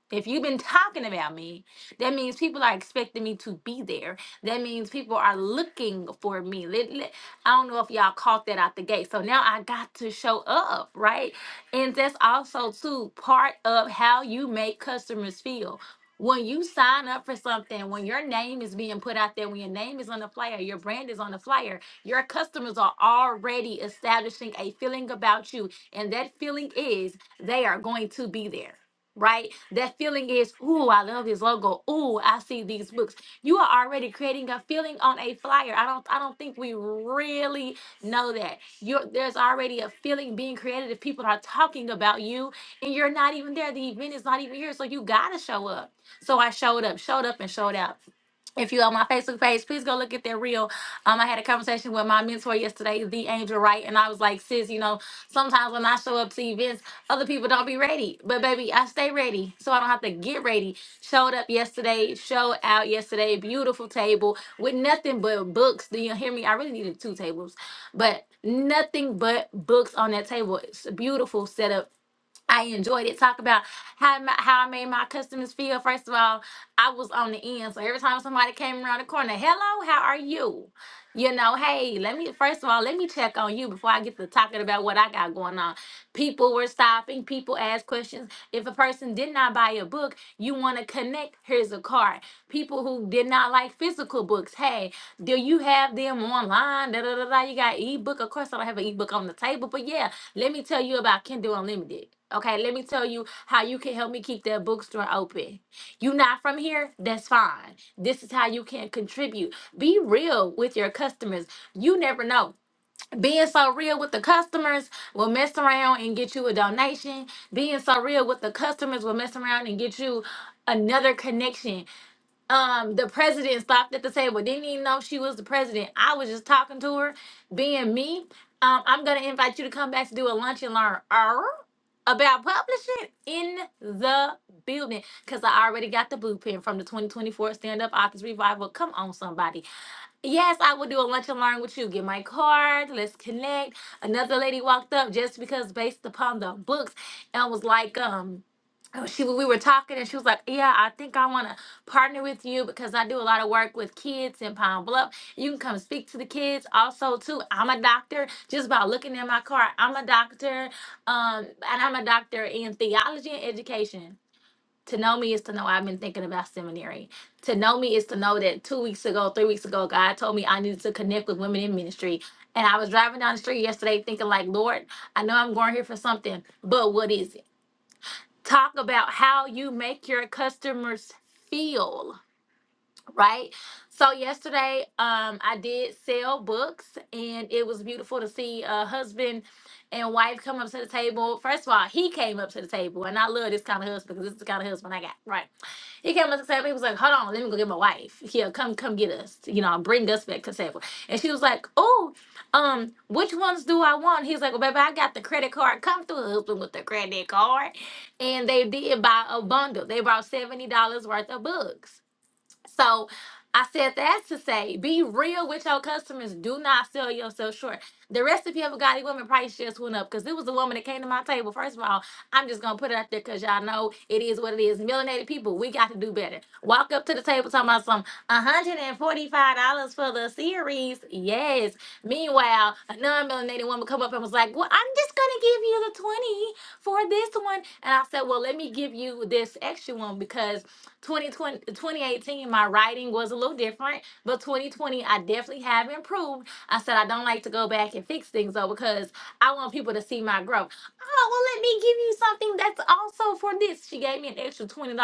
[SPEAKER 7] if you've been talking about me, that means people are expecting me to be there. That means people are looking for me. Let- let- I don't know if y'all caught that out the gate. So now I got to show up, right? And that's also too part of how you make customers feel. When you sign up for something, when your name is being put out there, when your name is on the flyer, your brand is on the flyer, your customers are already establishing a feeling about you. And that feeling is they are going to be there right? That feeling is, ooh, I love his logo. Ooh, I see these books. You are already creating a feeling on a flyer. I don't I don't think we really know that. You're there's already a feeling being created if people are talking about you and you're not even there. The event is not even here. So you gotta show up. So I showed up, showed up and showed out. If you're on my Facebook page, please go look at that reel. Um, I had a conversation with my mentor yesterday, the Angel Wright, and I was like, sis, you know, sometimes when I show up to events, other people don't be ready. But baby, I stay ready. So I don't have to get ready. Showed up yesterday, showed out yesterday, beautiful table with nothing but books. Do you hear me? I really needed two tables, but nothing but books on that table. It's a beautiful setup. I enjoyed it. Talk about how my, how I made my customers feel. First of all, I was on the end. So every time somebody came around the corner, hello, how are you? You know, hey, let me first of all, let me check on you before I get to talking about what I got going on. People were stopping. People asked questions. If a person did not buy a book, you want to connect. Here's a card. People who did not like physical books, hey, do you have them online? Da, da, da, da. You got ebook. Of course, I don't have an ebook on the table, but yeah, let me tell you about Kindle Unlimited. Okay, let me tell you how you can help me keep that bookstore open. You not from here? That's fine. This is how you can contribute. Be real with your customers. You never know. Being so real with the customers will mess around and get you a donation. Being so real with the customers will mess around and get you another connection. Um, the president stopped at the table, didn't even know she was the president. I was just talking to her. Being me, um, I'm gonna invite you to come back to do a lunch and learn er, about publishing in the building because I already got the blueprint from the 2024 Stand Up Authors Revival. Come on, somebody. Yes, I will do a lunch and learn with you. Get my card. Let's connect. Another lady walked up just because based upon the books and was like, um, oh, she we were talking and she was like, yeah, I think I want to partner with you because I do a lot of work with kids in Pine Bluff. You can come speak to the kids also too. I'm a doctor. Just by looking at my card, I'm a doctor. Um, and I'm a doctor in theology and education. To know me is to know I've been thinking about seminary. To know me is to know that two weeks ago, three weeks ago, God told me I needed to connect with women in ministry. And I was driving down the street yesterday thinking, like, Lord, I know I'm going here for something, but what is it? Talk about how you make your customers feel right? So yesterday, um, I did sell books, and it was beautiful to see a husband and wife come up to the table. First of all, he came up to the table, and I love this kind of husband because this is the kind of husband I got, right? He came up to the table. He was like, "Hold on, let me go get my wife. Here, come, come get us. You know, bring us back to the table." And she was like, "Oh, um, which ones do I want?" He's like, "Well, baby, I got the credit card. Come through, husband, with the credit card." And they did buy a bundle. They bought seventy dollars worth of books so I said that to say, be real with your customers. Do not sell yourself short. The recipe of a godly woman price just went up because it was a woman that came to my table. First of all, I'm just gonna put it out there because y'all know it is what it is. Melanated people, we got to do better. Walk up to the table talking about some $145 for the series. Yes. Meanwhile, a non-melanated woman come up and was like, Well, I'm just gonna give you the 20 for this one. And I said, Well, let me give you this extra one because 2020 2018. my writing was a little different, but 2020, I definitely have improved. I said I don't like to go back and fix things though because I want people to see my growth. Oh, well, let me give you something that's also for this. She gave me an extra $20.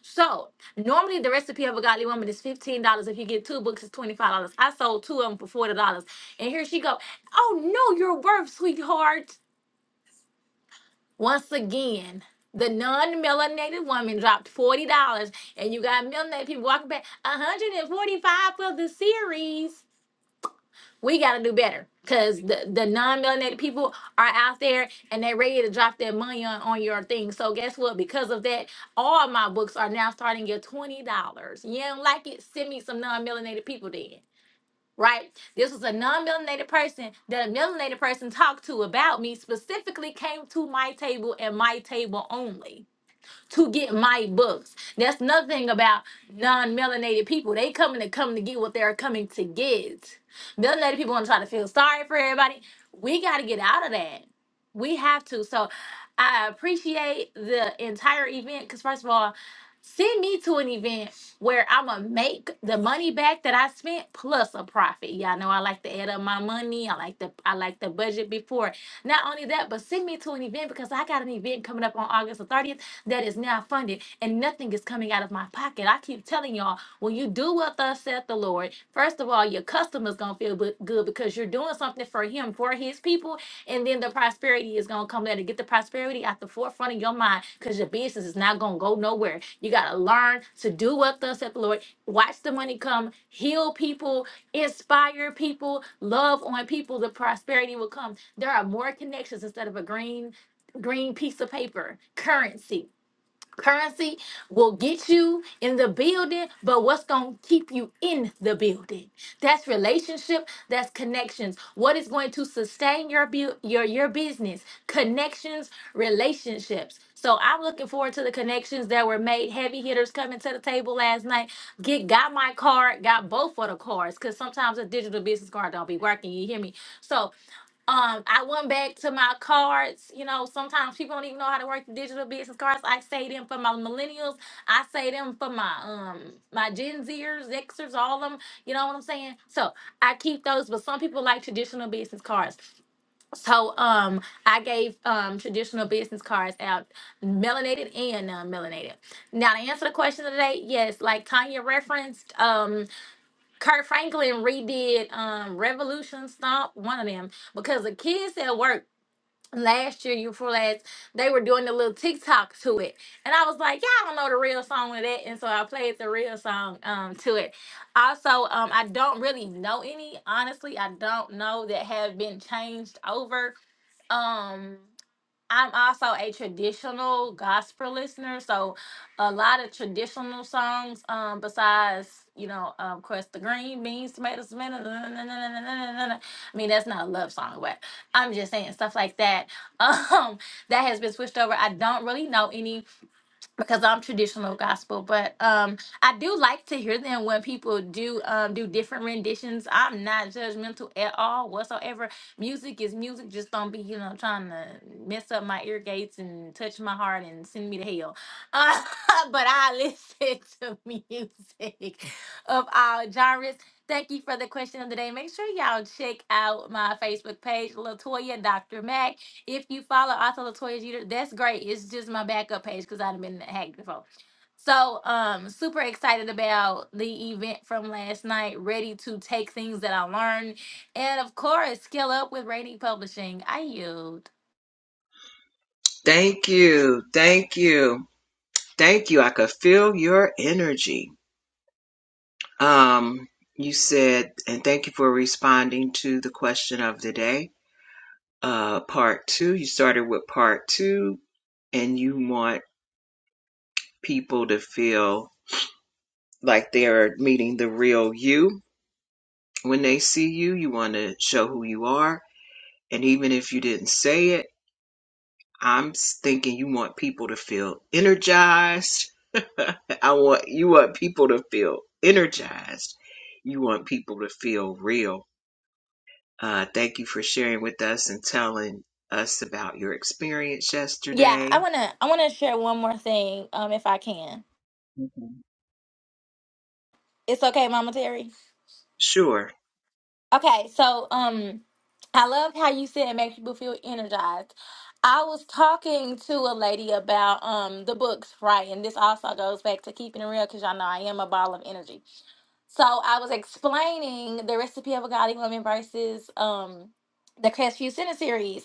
[SPEAKER 7] So Normally, the recipe of a godly woman is fifteen dollars. If you get two books, it's twenty five dollars. I sold two of them for forty dollars, and here she go. Oh no, you're worth, sweetheart. Once again, the non-melanated woman dropped forty dollars, and you got melanated people walking back one hundred and forty-five for the series. We got to do better because the the non-melanated people are out there and they're ready to drop their money on, on your thing. So guess what? Because of that, all my books are now starting at twenty dollars. You don't like it? Send me some non-melanated people then right? This was a non-melanated person that a melanated person talked to about me specifically came to my table and my table only to get my books. That's nothing about non-melanated people. They coming to come to get what they're coming to get. Melanated people want to try to feel sorry for everybody. We got to get out of that. We have to. So I appreciate the entire event because first of all, send me to an event where I'm gonna make the money back that I spent plus a profit. Y'all know I like to add up my money. I like the I like the budget before. Not only that, but send me to an event because I got an event coming up on August the 30th that is now funded, and nothing is coming out of my pocket. I keep telling y'all, when you do what thus saith the Lord, first of all, your customer's gonna feel bu- good because you're doing something for him, for his people, and then the prosperity is gonna come later. Get the prosperity at the forefront of your mind because your business is not gonna go nowhere. You gotta learn to do what thus saith the Lord. Watch the money come, heal people, inspire people, love on people. The prosperity will come. There are more connections instead of a green green piece of paper currency Currency will get you in the building, but what's going to keep you in the building? That's relationship, that's connections. What is going to sustain your bu- your your business? Connections, relationships. So I'm looking forward to the connections that were made. Heavy hitters coming to the table last night. Get got my card, got both of the cards cuz sometimes a digital business card don't be working, you hear me? So um, I went back to my cards. You know, sometimes people don't even know how to work the digital business cards. I say them for my millennials. I say them for my um my Gen Zers, Xers, all them. You know what I'm saying? So I keep those, but some people like traditional business cards. So um, I gave um traditional business cards out, melanated and non-melanated. Now to answer the question of the day, yes, like Tanya referenced, um. Kurt Franklin redid um Revolution Stomp, one of them, because the kids at work last year, year before last, they were doing the little TikTok to it. And I was like, Y'all don't know the real song of that. And so I played the real song um to it. Also, um, I don't really know any, honestly, I don't know that have been changed over. Um I'm also a traditional gospel listener, so a lot of traditional songs. Um, besides, you know, um, of course, the green beans, tomatoes, tomatoes. na- na- na- na- na- na- na- na- I mean, that's not a love song, but I'm just saying stuff like that. Um, that has been switched over. I don't really know any because I'm traditional gospel, but um, I do like to hear them when people do um, do different renditions. I'm not judgmental at all whatsoever. Music is music. Just don't be you know trying to mess up my ear gates and touch my heart and send me to hell. Uh, but I listen to music of all genres. Thank you for the question of the day. Make sure y'all check out my Facebook page, Latoya Dr. Mac. If you follow Author Latoya Jeter, that's great. It's just my backup page because I've been hacked before. So, um, super excited about the event from last night. Ready to take things that I learned, and of course, scale up with Rating Publishing. I yield.
[SPEAKER 2] Thank you. Thank you. Thank you. I could feel your energy. Um, you said, and thank you for responding to the question of the day. uh, part two. You started with part two, and you want people to feel like they are meeting the real you. When they see you, you want to show who you are. And even if you didn't say it, I'm s- thinking you want people to feel energized. I want you want people to feel energized. You want people to feel real. Uh, thank you for sharing with us and telling us about your experience
[SPEAKER 7] Yeah, I
[SPEAKER 2] yesterday.
[SPEAKER 7] wanna, I wanna share one more thing, um, if I can.
[SPEAKER 2] Mhm.
[SPEAKER 7] It's okay, Mama Terry.
[SPEAKER 2] Sure.
[SPEAKER 7] Okay, so um, I loved how you said it makes people feel energized. I was talking to a lady about um the books, right? And this also goes back to keeping it real because y'all know I am a ball of energy. So I was explaining the recipe of a godly woman versus um the Crest Few Center series.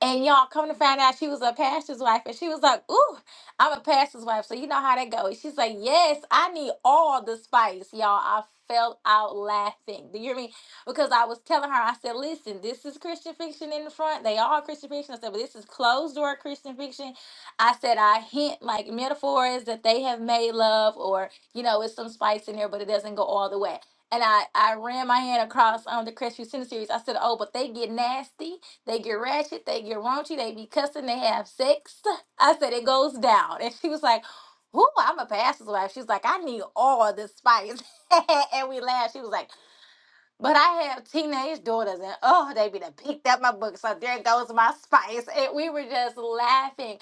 [SPEAKER 7] And y'all come to find out she was a pastor's wife. And she was like, Ooh, I'm a pastor's wife. So you know how that goes. She's like, Yes, I need all the spice, y'all. I fell out laughing. Do you hear me? Because I was telling her, I said, Listen, this is Christian fiction in the front. They all Christian fiction. I said, But this is closed door Christian fiction. I said, I hint like metaphors that they have made love or, you know, it's some spice in there, but it doesn't go all the way. And I, I ran my hand across um, the Christian Center series. I said, Oh, but they get nasty they get ratchet, they get raunchy, they be cussing, they have sex. I said it goes down. And she was like, Ooh, I'm a pastor's wife. She's like, I need all the spice. and we laughed. She was like, But I have teenage daughters, and oh, they be done picked up my book. So there goes my spice. And we were just laughing.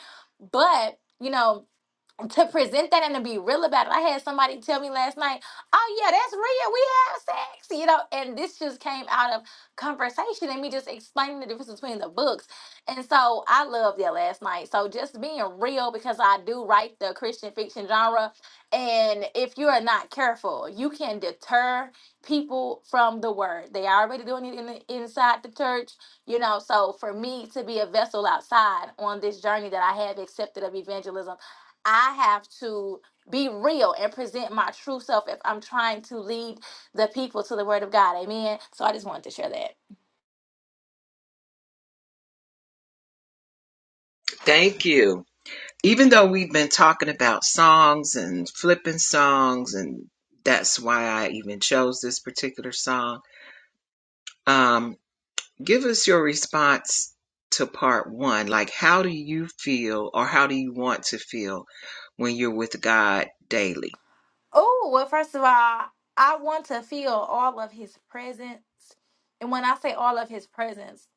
[SPEAKER 7] But, you know, to present that and to be real about it. I had somebody tell me last night, "Oh yeah, that's real. We have sex," you know. And this just came out of conversation and me just explaining the difference between the books. And so I loved that last night. So just being real because I do write the Christian fiction genre, and if you are not careful, you can deter people from the word. They already doing it in the, inside the church, you know. So for me to be a vessel outside on this journey that I have accepted of evangelism I have to be real and present my true self if I'm trying to lead the people to the word of God. Amen. So I just wanted to share that.
[SPEAKER 2] Thank you. Even though we've been talking about songs and flipping songs, and that's why I even chose this particular song, um, give us your response to part one. Like, how do you feel or how do you want to feel when you're with God daily?
[SPEAKER 7] Oh, well, first of all, I want to feel all of his presence. And when I say all of his presence,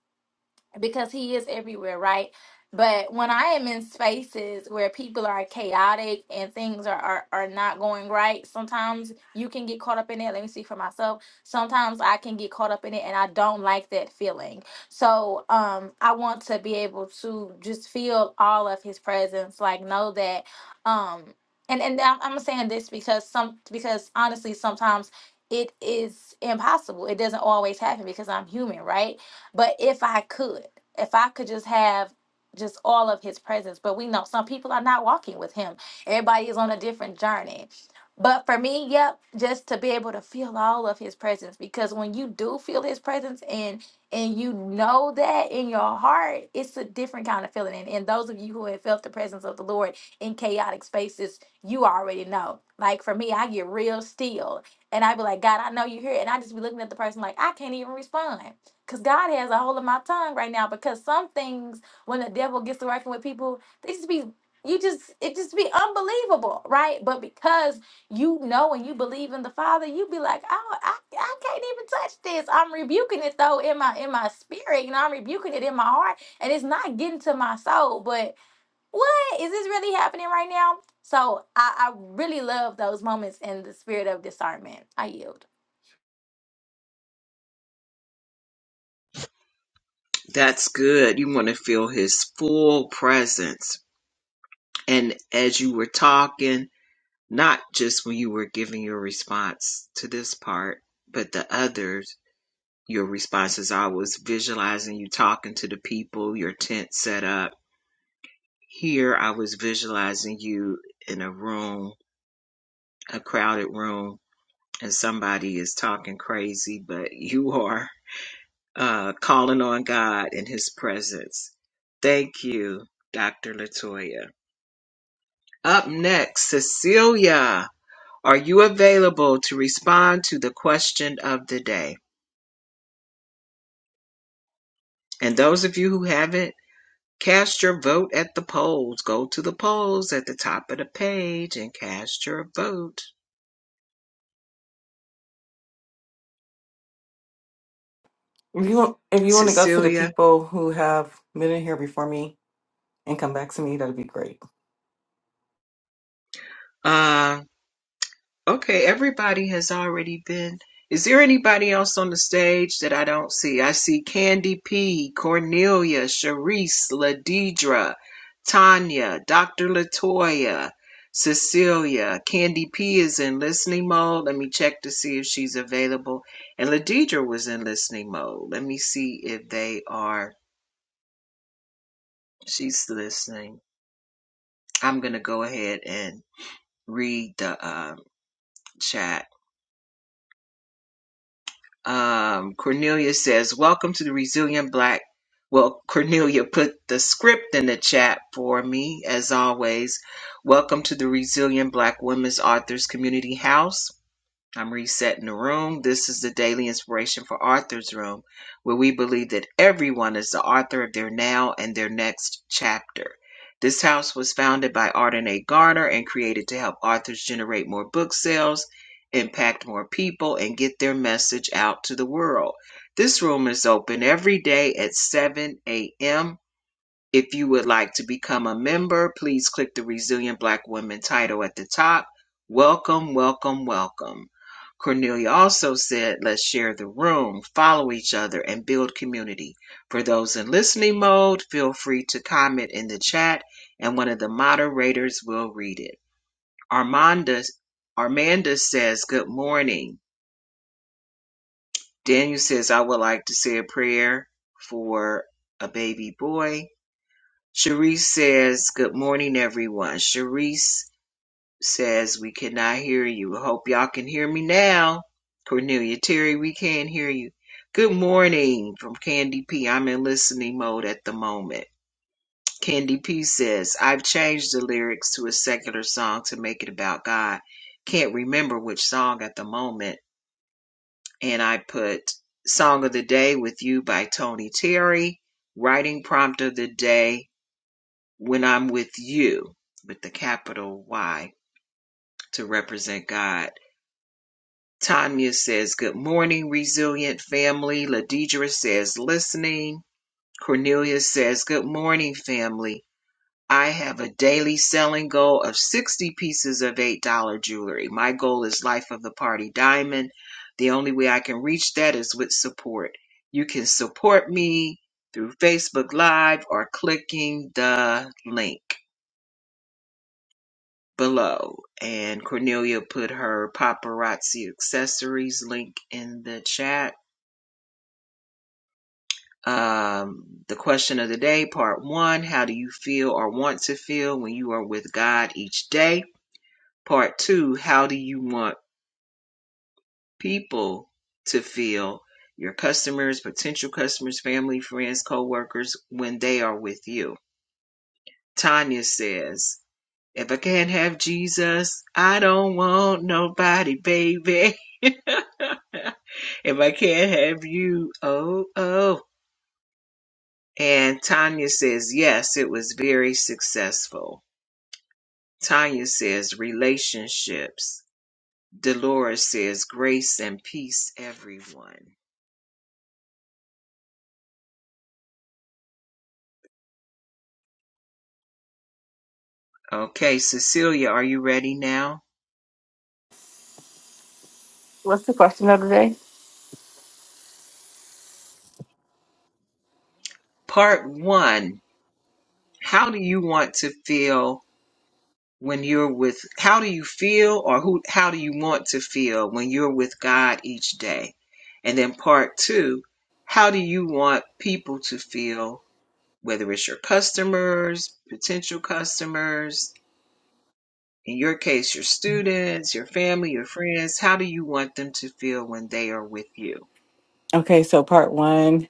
[SPEAKER 7] because he is everywhere, right? But when I am in spaces where people are chaotic and things are, are, are not going right, sometimes you can get caught up in it. Let me see for myself. Sometimes I can get caught up in it and I don't like that feeling. So um I want to be able to just feel all of his presence, like know that um and, and I'm I'm saying this because some because honestly sometimes it is impossible. It doesn't always happen because I'm human, right? But if I could, if I could just have just all of his presence, but we know some people are not walking with him. Everybody is on a different journey. But for me, yep, just to be able to feel all of his presence because when you do feel his presence and and you know that in your heart, it's a different kind of feeling. And, and those of you who have felt the presence of the Lord in chaotic spaces, you already know. Like for me, I get real still and i be like, God, I know you're here. And I just be looking at the person like, I can't even respond. Cause God has a hold of my tongue right now. Because some things, when the devil gets to working with people, they just be you just it just be unbelievable, right? But because you know and you believe in the Father, you be like, oh, I I can't even touch this. I'm rebuking it though in my in my spirit, you know, I'm rebuking it in my heart, and it's not getting to my soul. But what is this really happening right now? So I, I really love those moments in the spirit of discernment. I yield.
[SPEAKER 2] That's good. You want to feel His full presence. And as you were talking, not just when you were giving your response to this part, but the others Your responses. I was visualizing you talking to the people, your tent set up. Here, I was visualizing you in a room, a crowded room, and somebody is talking crazy, but you are uh, calling on God in His presence. Thank you, Dr. Latoya. Up next, Cecilia, are you available to respond to the question of the day? And those of you who haven't, Cast your vote at the polls. Go to the polls at the top of the page and cast your vote.
[SPEAKER 8] If you want, if you want to go to the
[SPEAKER 2] Cecilia,
[SPEAKER 8] people who have been in here before me and come back to me, that'd be great.
[SPEAKER 2] Uh. Okay, everybody has already been. Is there anybody else on the stage that I don't see? I see Candy P, Cornelia, Sharice, Ladidra, Tanya, Dr. Latoya, Cecilia. Candy P is in listening mode. Let me check to see if she's available. And Ladidra was in listening mode. Let me see if they are. She's listening. I'm going to go ahead and read the um, chat. um, Cornelia says, "Welcome to the Resilient Black." Well, Cornelia put the script in the chat for me, as always. Welcome to the Resilient Black Women's Authors Community House. I'm resetting the room. This is the daily inspiration for Arthur's Room, where we believe that everyone is the author of their now and their next chapter. This house was founded by Arden A. Garner and created to help authors generate more book sales, impact more people, and get their message out to the world. This room is open every day at 7 a.m. If you would like to become a member, please click the Resilient Black Women title at the top. Welcome, welcome, welcome. Cornelia also said, let's share the room, follow each other, and build community. For those in listening mode, feel free to comment in the chat, and one of the moderators will read it. Armanda, Armanda says, good morning. Daniel says, I would like to say a prayer for a baby boy. Sharice says, Good morning, everyone. Sharice says, We cannot hear you. Hope y'all can hear me now. Cornelia Terry, we can't hear you. Good morning from Candy P. I'm in listening mode at the moment. Candy P says, I've changed the lyrics to a secular song to make it about God. Can't remember which song at the moment. And I put Song of the Day with You by Tony Terry, Writing Prompt of the Day when I'm with you, with the capital Y to represent God. Tanya says, Good morning, resilient family. Ladidra says, Listening. Cornelia says, Good morning, family. I have a daily selling goal of 60 pieces of $8 jewelry. My goal is Life of the Party Diamond. The only way I can reach that is with support. You can support me through Facebook Live or clicking the link. below, and Cornelia put her paparazzi accessories link in the chat. Um, the question of the day, part one How do you feel or want to feel when you are with God each day? Part two How do you want people to feel? Your customers, potential customers, family, friends, co workers, when they are with you. Tanya says, If I can't have Jesus, I don't want nobody, baby. if I can't have you, oh, oh. And Tanya says, yes, it was very successful. Tanya says, relationships. Dolores says, grace and peace, everyone. Okay, Cecilia, are you ready now?
[SPEAKER 8] What's the question of the day?
[SPEAKER 2] Part one How do you want to feel when you're with how do you feel or who how do you want to feel when you're with God each day? And then part 2, how do you want people to feel whether it's your customers, potential customers, in your case your students, your family, your friends, how do you want them to feel when they are with you?
[SPEAKER 8] Okay, so part one,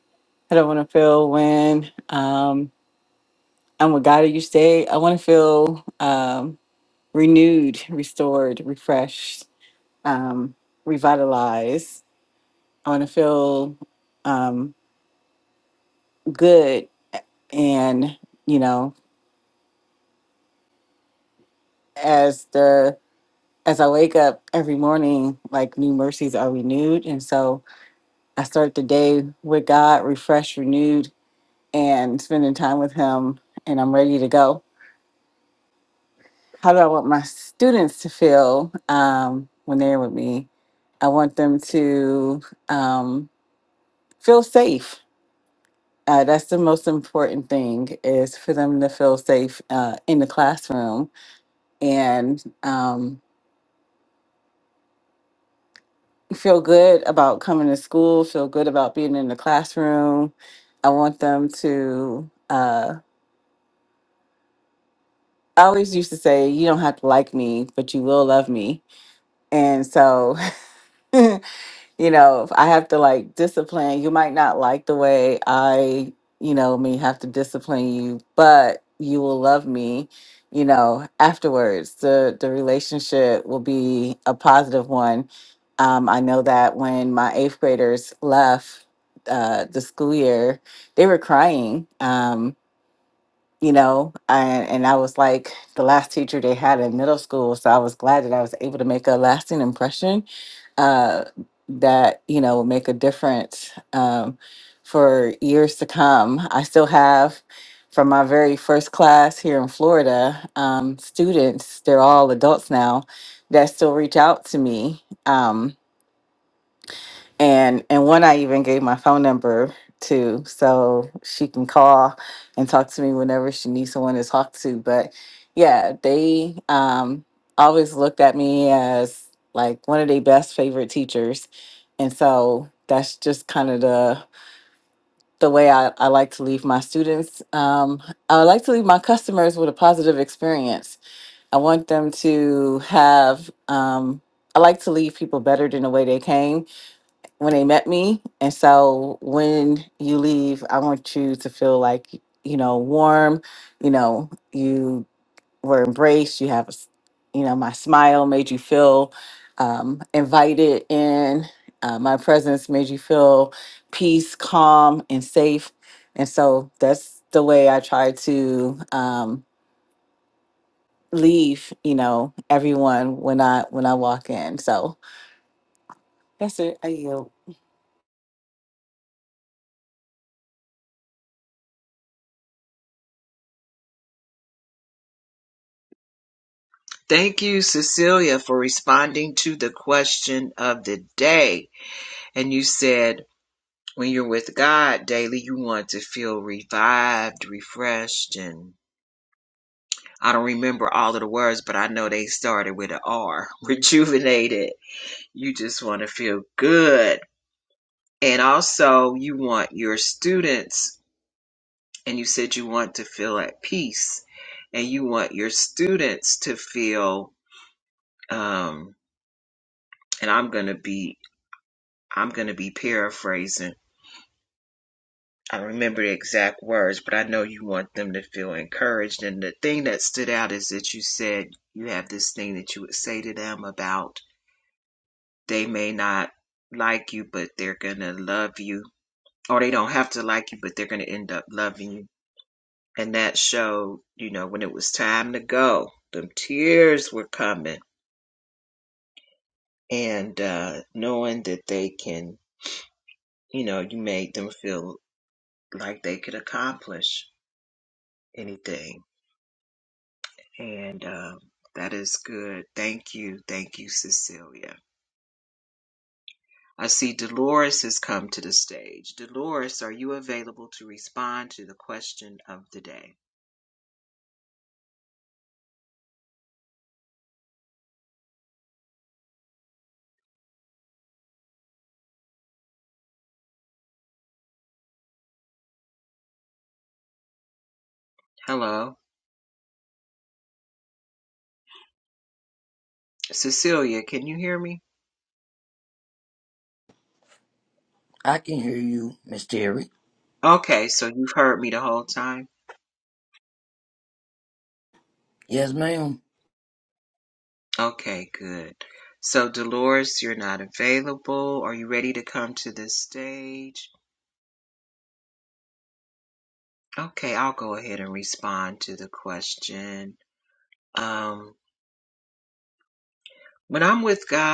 [SPEAKER 8] I don't want to feel when um, I'm with God. You stay. I want to feel um, renewed, restored, refreshed, um, revitalized. I want to feel um, good, and you know, as the as I wake up every morning, like new mercies are renewed, and so I start the day with God, refreshed, renewed, and spending time with Him, and I'm ready to go. How do I want my students to feel um, when they're with me? I want them to um, feel safe. Uh, that's the most important thing is for them to feel safe uh, in the classroom and um, feel good about coming to school, feel good about being in the classroom. I want them to uh, I always used to say, you don't have to like me, but you will love me. And so, you know, if I have to like discipline. You might not like the way I, you know, may have to discipline you, but you will love me, you know, afterwards. The the relationship will be a positive one. Um, I know that when my eighth graders left uh, the school year, they were crying. Um, you know and, and i was like the last teacher they had in middle school so i was glad that i was able to make a lasting impression uh, that you know will make a difference um, for years to come i still have from my very first class here in florida um, students they're all adults now that still reach out to me Um, and and one I even gave my phone number to, so she can call and talk to me whenever she needs someone to talk to. But yeah, they um, always looked at me as like one of their best favorite teachers, and so that's just kind of the the way I, I like to leave my students. Um, I like to leave my customers with a positive experience. I want them to have. Um, I like to leave people better than the way they came when they met me. And so when you leave, I want you to feel like, you know, warm, you know, you were embraced, you have, a s- you know, my smile made you feel um, invited in, uh, my presence made you feel peace, calm, and safe. And so that's the way I try to um, leave, you know, everyone when I when I walk in. So that's it. I yield.
[SPEAKER 2] Thank you Cecilia for responding to the question of the day. And you said When you're with God daily, you want to feel revived, refreshed, and I don't remember all of the words, but I know they started with an R. Rejuvenated. You just want to feel good. And also, you want your students, and you said you want to feel at peace, and you want your students to feel, um, and I'm going to be. I'm going to be paraphrasing I don't remember the exact words, but I know you want them to feel encouraged. And the thing that stood out is that you said you have this thing that you would say to them about they may not like you, but they're going to love you, or they don't have to like you, but they're going to end up loving you. And that showed, you know, when it was time to go, them tears were coming. And uh, knowing that they can, you know, you made them feel like they could accomplish anything And um, that is good. Thank you. Thank you, Cecilia. I see Dolores has come to the stage. Dolores, are you available to respond to the question of the day? Hello. Cecilia, can you hear me?
[SPEAKER 3] I can hear you, Miss Terry.
[SPEAKER 2] Okay, so you've heard me the whole time?
[SPEAKER 3] Yes, ma'am.
[SPEAKER 2] Okay, good. So, Dolores, you're not available. Are you ready to come to the stage? Okay, I'll go ahead and respond to the question. Um, when I'm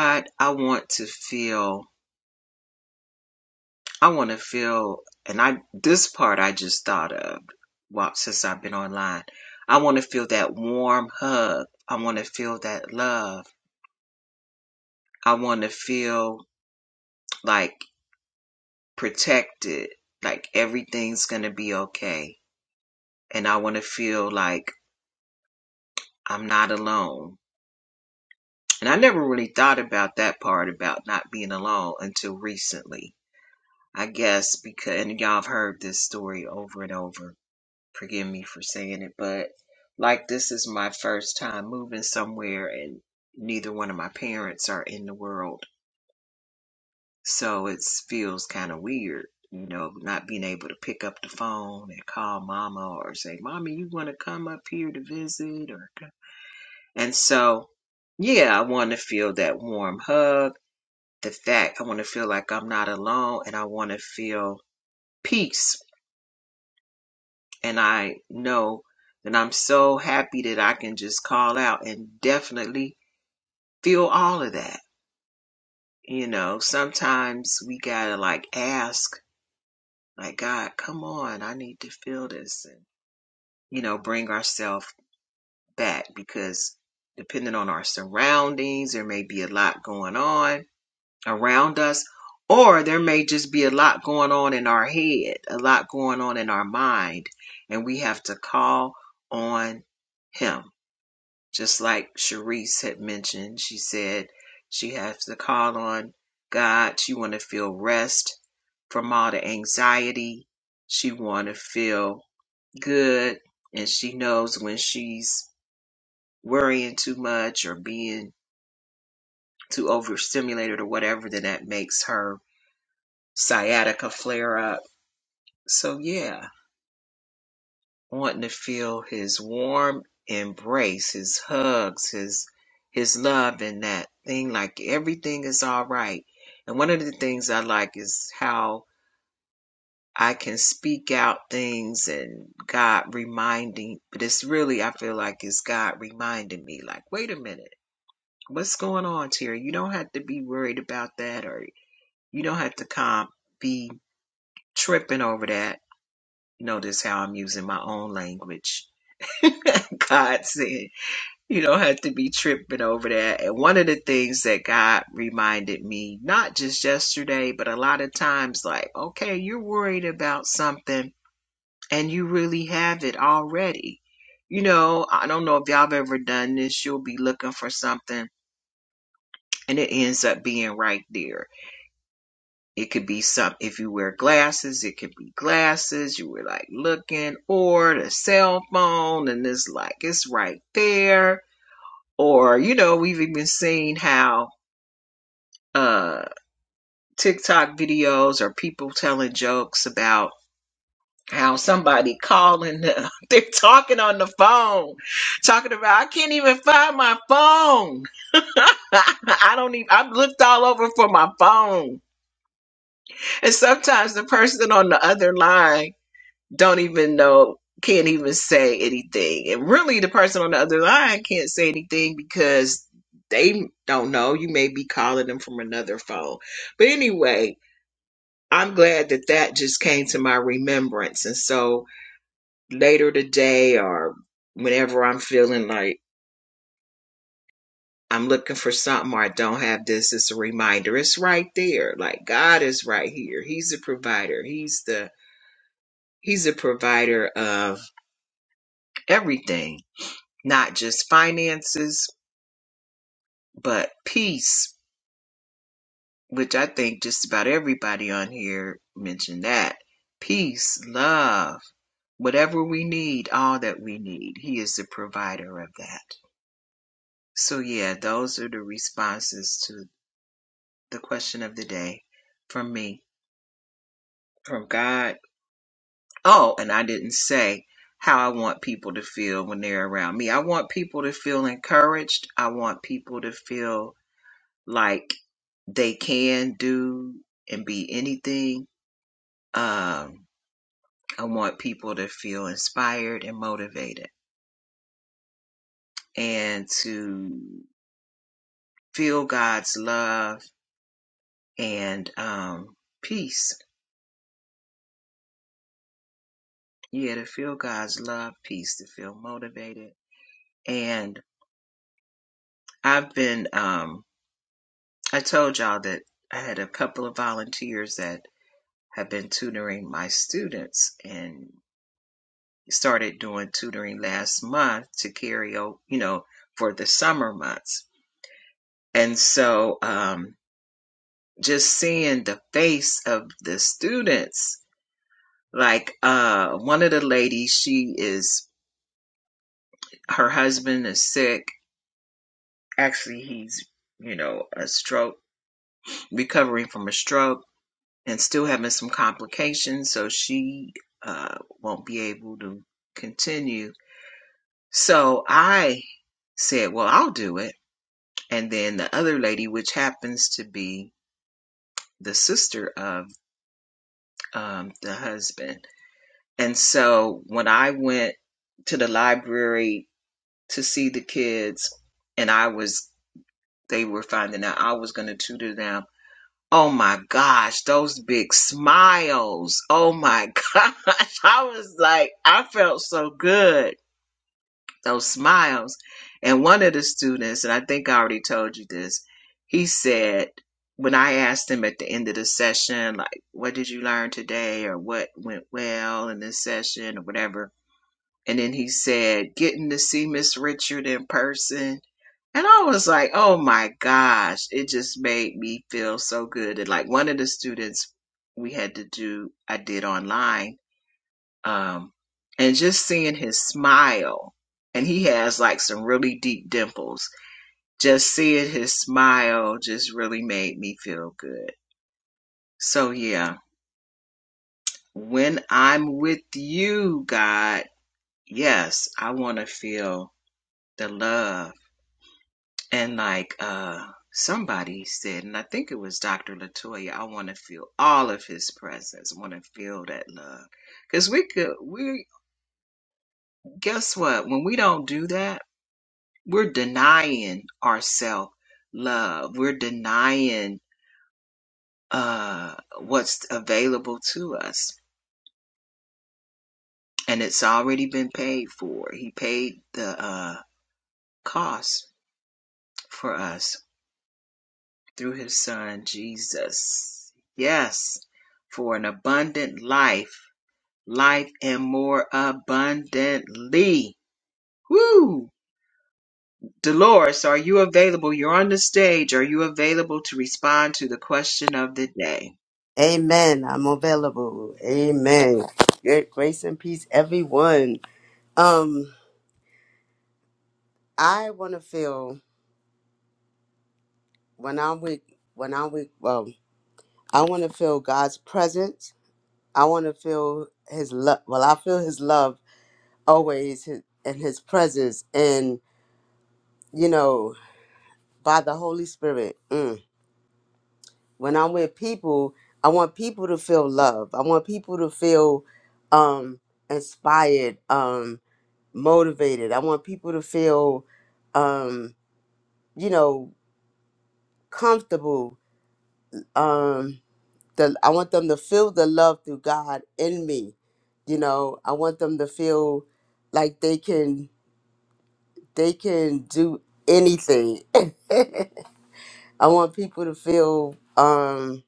[SPEAKER 2] not, I want to feel. I want to feel, and I this part I just thought of. Wow, mine. I want to feel that warm hug. I want that. Love. I want like protected. Like everything's gonna be okay, and I want to feel like I'm not alone. And I never really thought about that part about not being alone until recently. I guess because and y'all have heard this story over and over forgive me for saying it, but like this is my first time moving somewhere and neither one of my parents are in the world. So it feels kind of weird, you know, not being able to pick up the phone and call mama or say, Mommy, you want to come up here to visit? or co- And so, yeah, I want to feel that warm hug. The fact I want to feel like I'm not alone and I want to feel peace and I know that I'm so happy that I can just call out and definitely feel all of that. You know, sometimes we gotta like ask, like, God, come on, I need to feel this and, you know, bring ourselves back because depending on our surroundings, there may be a lot going on around us, or there may just be a lot going on in our head, a lot going on in our mind, and we have to call on Him just like Sharice had mentioned, she said she has to call on God. She want to feel rest from all the anxiety. She want to feel good, and she knows when she's worrying too much or being too overstimulated or whatever, then that makes her sciatica flare up. So yeah, wanting to feel his warm embrace, his hugs, his his love and that thing like everything is all right. And one of the things I like is how I can speak out things and God reminding, but it's really I feel like it's God reminding me like, wait a minute, what's going on, Terry? You don't have to be worried about that or you don't have to com- be tripping over that. Notice how I'm using my own language. God said. You don't have to be tripping over that. And one of the things that God reminded me, not just yesterday, but a lot of times, like, okay, you're worried about something and you really have it already. You know, I don't know if y'all have ever done this. You'll be looking for something and it ends up being right there. It could be some, if you wear glasses, it could be glasses. You were like looking or the cell phone and it's like, it's right there or you know we've even seen how uh, TikTok videos or people telling jokes about how somebody calling them. They're talking on the phone, talking about, I can't even find my phone. I don't even, I've looked all over for my phone. And sometimes the person on the other line don't even know, can't even say anything. And really the person on the other line can't say anything because they don't know. You may be calling them from another phone. But anyway, I'm glad that that just came to my remembrance. And so later today or whenever I'm feeling like I'm looking for something or I don't have this, it's a reminder. It's right there. Like God is right here. He's the provider. He's the He's a provider of everything, not just finances, but peace, which I think just about everybody on here mentioned that. Peace, love whatever we need, all that we need, He is the provider of that. So, yeah, those are the responses to the question of the day from me, from God. Oh, and I didn't say how I want people to feel when they're around me. I want people to feel encouraged. I want people to feel like they can do and be anything. Um, I want people to feel inspired and motivated and to feel God's love and um, peace. Yeah, to feel God's love, peace, to feel motivated. And I've been, um, I told y'all that I had a couple of volunteers that have been tutoring my students and started doing tutoring last month to carry out, you know, for the summer months. And so um, just seeing the face of the students, like uh, one of the ladies, she is, her husband is sick actually he's you know a stroke recovering from a stroke and still having some complications so she uh won't be able to continue so i said well i'll do it and then the other lady which happens to be the sister of um the husband and so when i went to the library to see the kids and i was they were finding out i was going to tutor them Oh my gosh, those big smiles. Oh my gosh. I was like, I felt so good. Those smiles. And one of the students, and I think I already told you this, he said, when I asked him at the end of the session, like, what did you learn today or what went well in this session or whatever? And then he said, getting to see Miss Richard in person and I was like, oh my gosh, it just made me feel so good. And like one of the students we had to do, I did online. Um, and just seeing his smile, and he has like some really deep dimples. Just seeing his smile just really made me feel good. So yeah, when I'm with you, God, yes, I want to feel the love And like uh somebody said, and I think it was Dr. Latoya, I want to feel all of his presence. I want to feel that love. Cause we could we guess what? When we don't do that, we're denying ourself love. We're denying uh what's available to us. And it's already been paid for. He paid the uh cost for us. through his son Jesus. Yes, for an abundant life, life and more abundantly. Woo! Dolores, are you available? You're on the stage. Are you available to respond to the question of the day?
[SPEAKER 9] Amen. I'm available. Amen. Good grace and peace, everyone. Um, I want to feel when I'm with when I'm with well, I want to feel God's presence. I want to feel His love. Well, I feel His love always, his, and His presence, and you know, by the Holy Spirit. Mm. When I'm with people, I want people to feel love. I want people to feel um inspired. Um motivated. I want people to feel, um, you know, comfortable. Um, the, I want them to feel the love through God in me. You know, I want them to feel like they can they can do anything. I want people to feel. Um,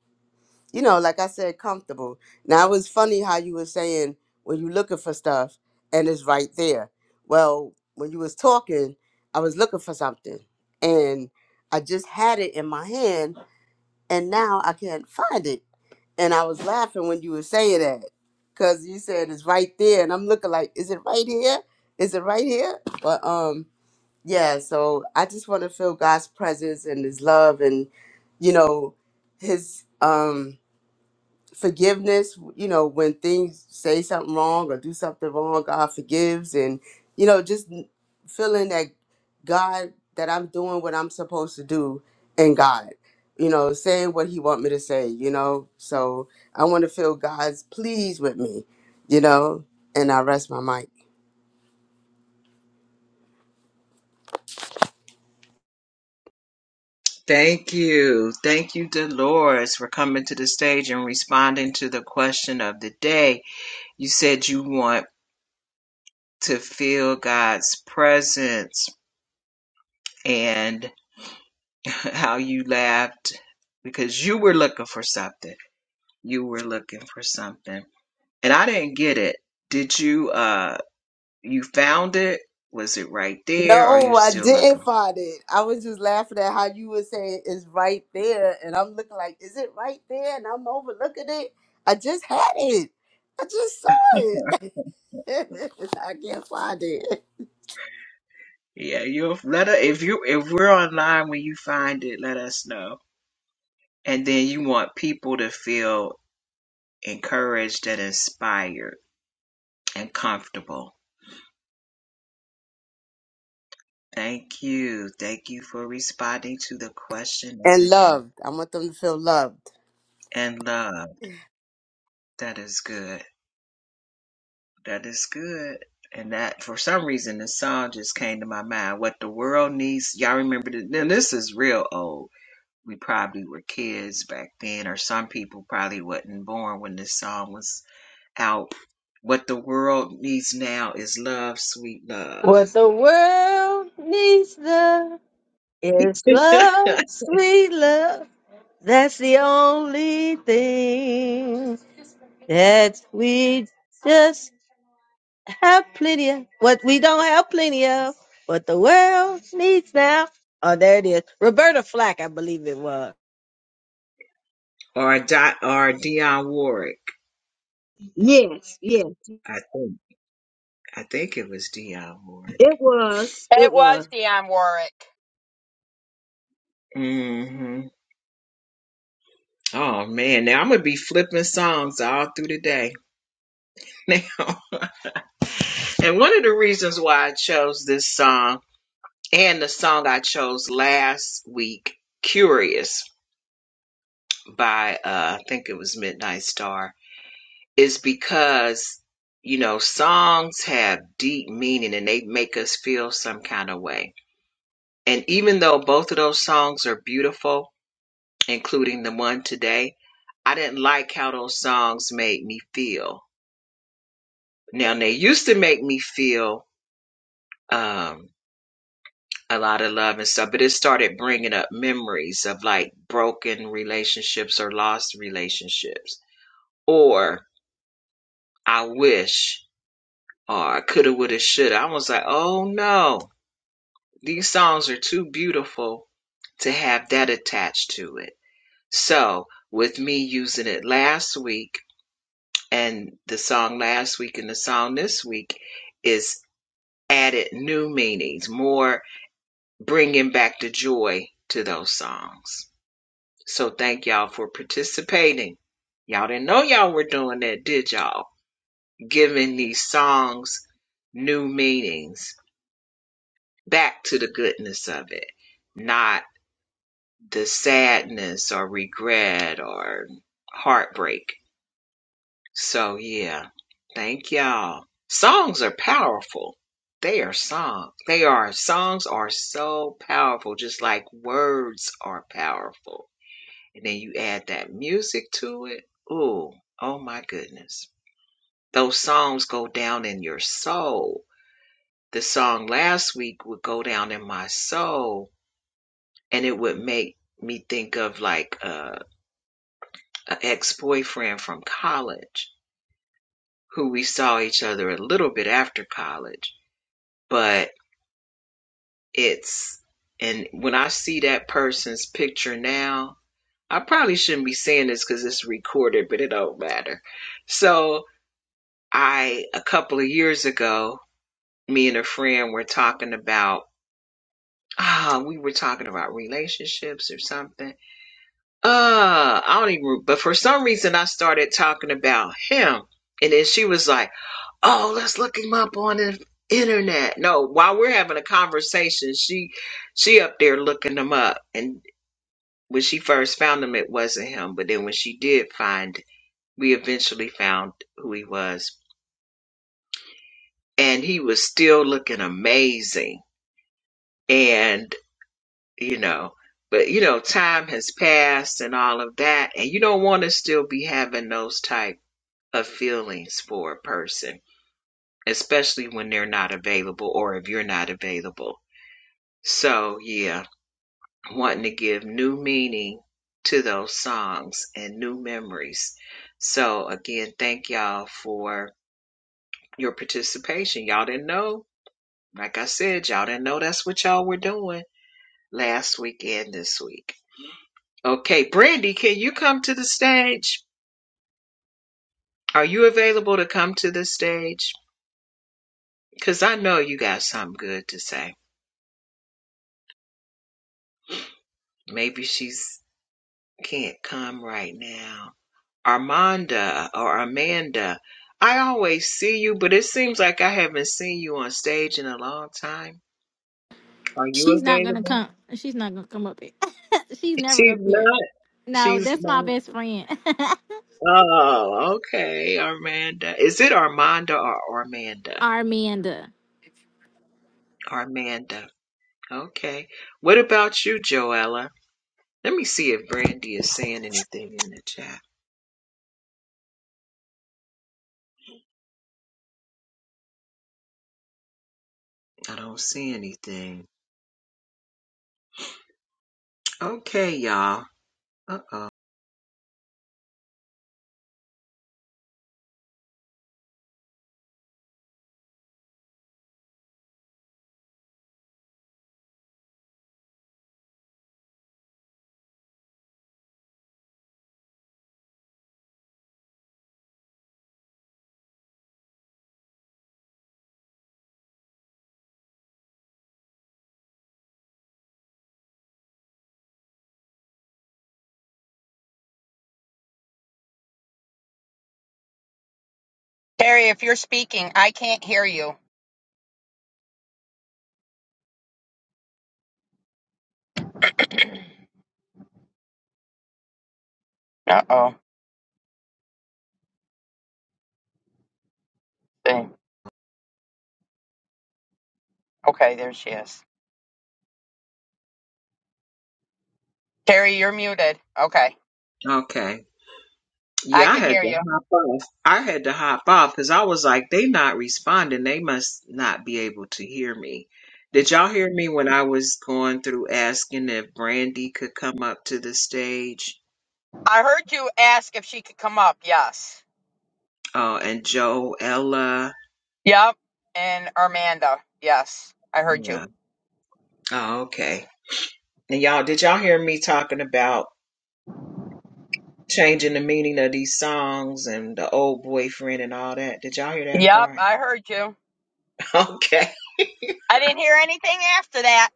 [SPEAKER 9] you know, like I said, comfortable. Now it was funny how you were saying when you looking for stuff and it's right there. Well, when you was talking, I was looking for something and I just had it in my hand and now I can't find it. And I was laughing when you were saying that because you said it's right there and I'm looking like, is it right here? Is it right here? But um, yeah. So I just want to feel God's presence and His love and you know His um forgiveness you know when things say something wrong or do something wrong god forgives and you know just n- feeling that god that i'm doing what i'm supposed to do in god you know saying what he want me to say you know so i want to feel god's pleased with me you know and i rest my mic
[SPEAKER 2] Thank you. Thank you, Dolores, for coming to the stage and responding to the question of the day. You said you want to feel God's presence. And how you laughed because you were looking for something. You were looking for something. And I didn't get it. Did you uh you found it? Was it right there? Or are you
[SPEAKER 9] No, I
[SPEAKER 2] still looking?
[SPEAKER 9] didn't find it. I was just laughing at how you were saying it's right there, and I'm looking like, is it right there? And I'm overlooking it. I just had it. I just saw it. I can't find it.
[SPEAKER 2] Yeah, you let us if you if we're online when you find it, let us know. And then you want people to feel encouraged and inspired and comfortable. Thank you. Thank you for responding to the question of
[SPEAKER 9] And
[SPEAKER 2] the day.
[SPEAKER 9] loved. I want them to feel loved.
[SPEAKER 2] And love. That is good. That is good. And that, for some reason, the song just came to my mind. What the world needs. Y'all remember this? Now, this is real old. We probably were kids back then, or some people probably wasn't born when this song was out. What the world needs now is love, sweet love.
[SPEAKER 6] What the world needs the is love, sweet love. That's the only thing that we just have plenty of. What we don't have plenty of, what the world needs now. Oh, there it is. Roberta Flack, I believe it was.
[SPEAKER 2] Or Di- or Dionne Warwick.
[SPEAKER 6] Yes, yes,
[SPEAKER 2] I think I think it was Dionne Warwick.
[SPEAKER 6] it was.
[SPEAKER 4] It
[SPEAKER 6] It
[SPEAKER 4] was
[SPEAKER 6] was.
[SPEAKER 4] Dionne Warwick.
[SPEAKER 2] hmm Oh man, now I'm gonna be flipping songs all through the day. and one of the reasons why I chose this song And the song I chose last week, Curious by uh I think it was Midnight Star, is because you know, songs have deep meaning and they make us feel some kind of way. And even though both of those songs are beautiful, including the one today, I didn't like how those songs made me feel. Now they used to make me feel um, a lot of love and stuff, but it started bringing up memories of like broken relationships or lost relationships, or I wish, or coulda, woulda, shoulda. I was like, oh no, these songs are too beautiful to have that attached to it. So, with me using it last week and the song last week and the song this week is added new meanings, more bringing back the joy to those songs. So thank y'all for participating. Y'all didn't know y'all were doing that, did y'all? Giving these songs new meanings back to the goodness of it, not the sadness or regret or heartbreak. So yeah, thank y'all. Songs are powerful. They are song. They are songs are so powerful, just like words are powerful. and then you add that music to it. Ooh, oh my goodness. Those songs go down in your soul. The song last week would go down in my soul and it would make me think of like uh, an ex boyfriend from college who we saw each other a little bit after college. But it's, and when I see that person's picture now, I probably shouldn't be saying this because it's recorded, but it don't matter. So, I a couple of years ago, me and a friend were talking about ah, we were talking about relationships or something. Uh, I don't even. But for some reason, I started talking about him, and then she was like, "Oh, let's look him up on the internet." No, while we're having a conversation, she she up there looking him up, and when she first found him, it wasn't him. But then when she did find, we eventually found who he was, and he was still looking amazing and you know but you know time has passed and all of that and you don't want to still be having those type of feelings for a person especially when they're not available or if you're not available so yeah wanting to give new meaning to those songs and new memories so again thank y'all for your participation y'all didn't know like i said y'all didn't know that's what y'all were doing last weekend this week Okay, Brandy, can you come to the stage? Are you available to come to the stage? Because I know you got something good to say. Maybe she's can't come right now. Armanda or Amanda, I always see you, but it seems like I haven't seen you on stage in a long time. Are you
[SPEAKER 7] She's not gonna
[SPEAKER 2] available?
[SPEAKER 7] come. She's not gonna come up here. She's never
[SPEAKER 2] She's
[SPEAKER 7] up here.
[SPEAKER 2] not.
[SPEAKER 7] No,
[SPEAKER 2] She's
[SPEAKER 7] that's my
[SPEAKER 2] not.
[SPEAKER 7] best friend,
[SPEAKER 2] Oh, okay, Armanda. Is it Armanda or Armanda?
[SPEAKER 7] Armanda.
[SPEAKER 2] Armanda. Okay. What about you, Joella? Let me see if Brandy is saying anything in the chat. I don't see anything. Okay, y'all. Uh oh.
[SPEAKER 4] Terry, if you're speaking, I can't hear you. Uh oh. Okay, there she is. Terry, you're muted. Okay.
[SPEAKER 2] Okay.
[SPEAKER 4] I
[SPEAKER 2] Yeah, I
[SPEAKER 4] can
[SPEAKER 2] had
[SPEAKER 4] hear
[SPEAKER 2] to
[SPEAKER 4] you.
[SPEAKER 2] hop off. I had to hop off because I was like, they not responding. They must not be able to hear me. Did y'all hear me when I was going through asking if Brandy could come up to the stage?
[SPEAKER 4] I heard you ask if she could come up. Yes.
[SPEAKER 2] Oh, and Joella.
[SPEAKER 4] Yep. And Amanda. Yes. I heard you.
[SPEAKER 2] Yeah. Oh, okay. And y'all, did y'all hear me talking about? changing the meaning of these songs and the old boyfriend and all that. Did y'all hear that
[SPEAKER 4] Yep.
[SPEAKER 2] part?
[SPEAKER 4] I heard you.
[SPEAKER 2] Okay.
[SPEAKER 4] I didn't hear anything after that.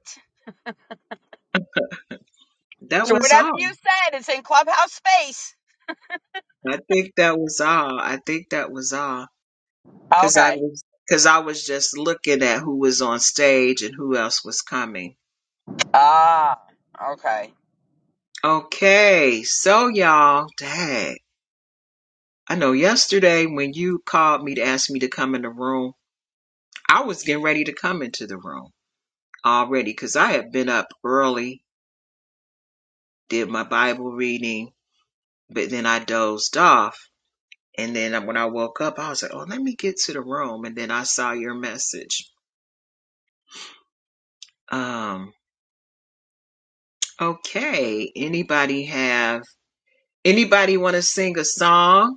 [SPEAKER 2] That
[SPEAKER 4] So
[SPEAKER 2] was
[SPEAKER 4] whatever you
[SPEAKER 2] all.
[SPEAKER 4] said, it's in clubhouse space.
[SPEAKER 2] I think that was all. I think that was all. Cause I
[SPEAKER 4] Okay.
[SPEAKER 2] was, cause I was just looking at who was on stage and who else was coming.
[SPEAKER 4] Ah. Okay.
[SPEAKER 2] Okay. So y'all, dang. I know yesterday when you called me to ask me to come in the room, I was getting ready to come into the room already. Cause I had been up early, did my Bible reading, but then I dozed off And then when I woke up, I was like, oh, let me get to the room. And then I saw your message. Um, okay. Anybody have, anybody want to sing a song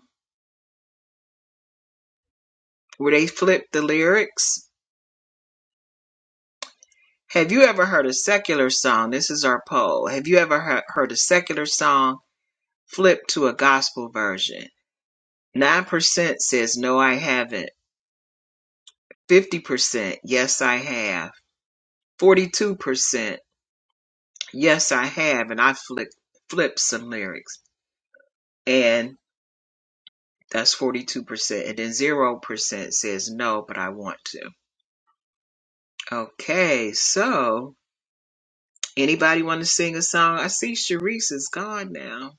[SPEAKER 2] where they flip the lyrics? Have you ever heard a secular song? This is our poll. Have you ever he- heard a secular song flipped to a gospel version? 9% says, no, I haven't. 50%, yes, I have. 42%, yes, I have. And I flip, flipped some lyrics. and. That's 42%. And then 0% says no, but I want to. Okay, so anybody want to sing a song? I see Sharice is gone now.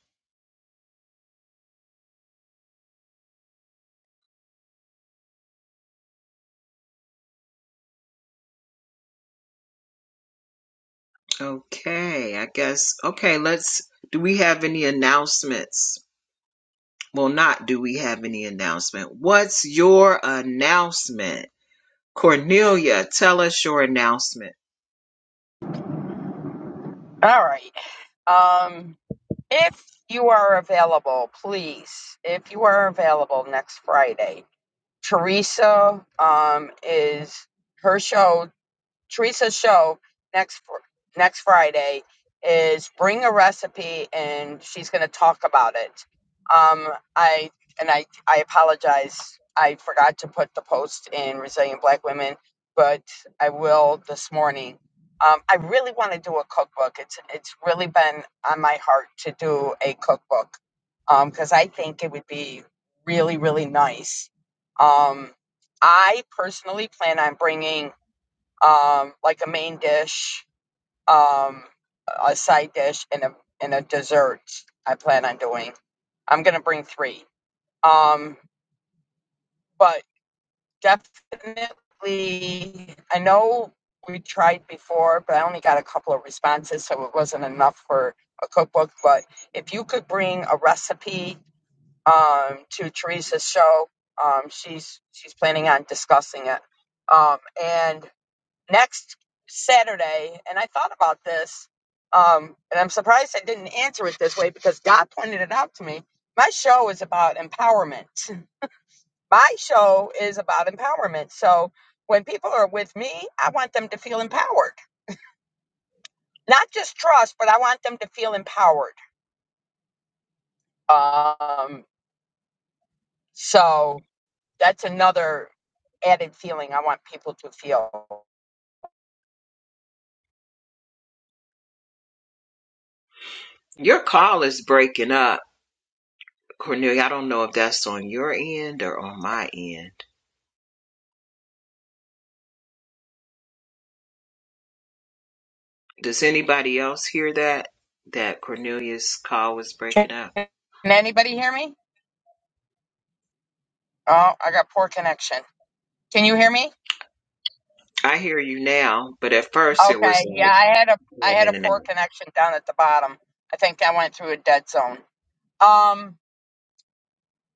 [SPEAKER 2] Okay, I guess. Okay, let's. Do we have any announcements? Well, not do we have any announcement. What's your announcement? Cornelia, tell us your announcement.
[SPEAKER 4] All right. Um, if you are available, please, if you are available next Friday, Teresa um, is her shows. Teresa's show next fr- next Friday is bring a recipe and she's going to talk about it. Um, I and I I apologize. I forgot to put the post in Resilient Black Women, but I will this morning. Um, I really want to do a cookbook. It's it's really been on my heart to do a cookbook because I think it would be really really nice. Um, I personally plan on bringing um, like a main dish, um, a side dish, and a and a dessert. I plan on doing. I'm gonna bring three. Um, but definitely, I know we tried before, but I only got a couple of responses, so it wasn't enough for a cookbook. But if you could bring a recipe um, to Teresa's show, um, she's she's planning on discussing it. Um, and next Saturday, and I thought about this, um, and I'm surprised I didn't answer it this way because God pointed it out to me. My show is about empowerment. My show is about empowerment. So when people are with me, I want them to feel empowered, not just trust, but I want them to feel empowered. Um, so that's another added feeling I want people to feel.
[SPEAKER 2] Your call is breaking up. Cornelia, I don't know if that's on your end or on my end. Does anybody else hear that? That Cornelius' call was
[SPEAKER 4] Can
[SPEAKER 2] breaking up.
[SPEAKER 4] anybody hear me? Oh, I got poor connection. Can you hear me?
[SPEAKER 2] I hear you now, but at first it was
[SPEAKER 4] Okay, yeah,
[SPEAKER 2] like
[SPEAKER 4] I had a I
[SPEAKER 2] going
[SPEAKER 4] had a
[SPEAKER 2] in and
[SPEAKER 4] poor
[SPEAKER 2] out.
[SPEAKER 4] connection down at the bottom. I think I went through a dead zone. Um,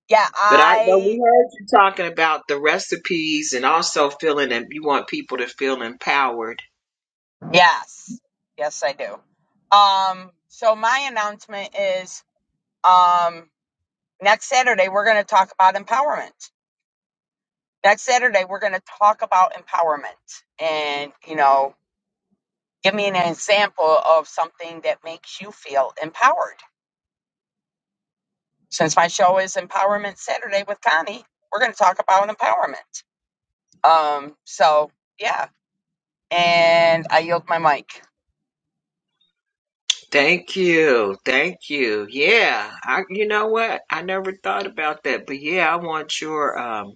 [SPEAKER 4] yeah,
[SPEAKER 2] But I know
[SPEAKER 4] I
[SPEAKER 2] we heard you talking about the recipes and also feeling that you want people to feel empowered.
[SPEAKER 4] yes, yes, I do. Um, so my announcement is um next Saturday we're going to talk about empowerment. Next Saturday we're going to talk about empowerment, and you know, give me an example of something that makes you feel empowered. Since my show is Empowerment Saturday with Connie, we're going to talk about empowerment Um, so yeah, and I yield my mic.
[SPEAKER 2] Thank you. Thank you. Yeah. I you know what? I never thought about that. But yeah, I want your um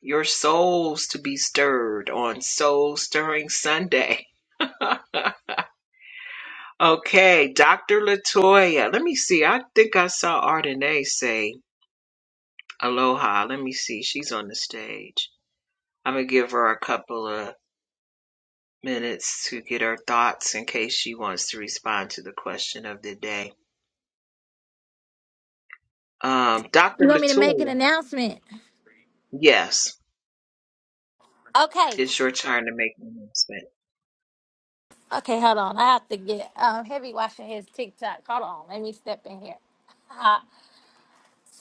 [SPEAKER 2] your souls to be stirred on Soul Stirring Sunday. Okay, Dr. Latoya. Let me see. I think I saw Ardenae say aloha. Let me see. She's on the stage. I'm going to give her a couple of minutes to get her thoughts in case she wants to respond to the question of the day. Um,
[SPEAKER 7] You
[SPEAKER 2] Dr.
[SPEAKER 7] want me to make an
[SPEAKER 2] Latoya,
[SPEAKER 7] announcement?
[SPEAKER 2] yes,
[SPEAKER 7] Okay.
[SPEAKER 2] it's your turn to make an announcement.
[SPEAKER 7] Okay, hold on. I have to get um heavy washing his TikTok. Hold on. Let me step in here. Uh,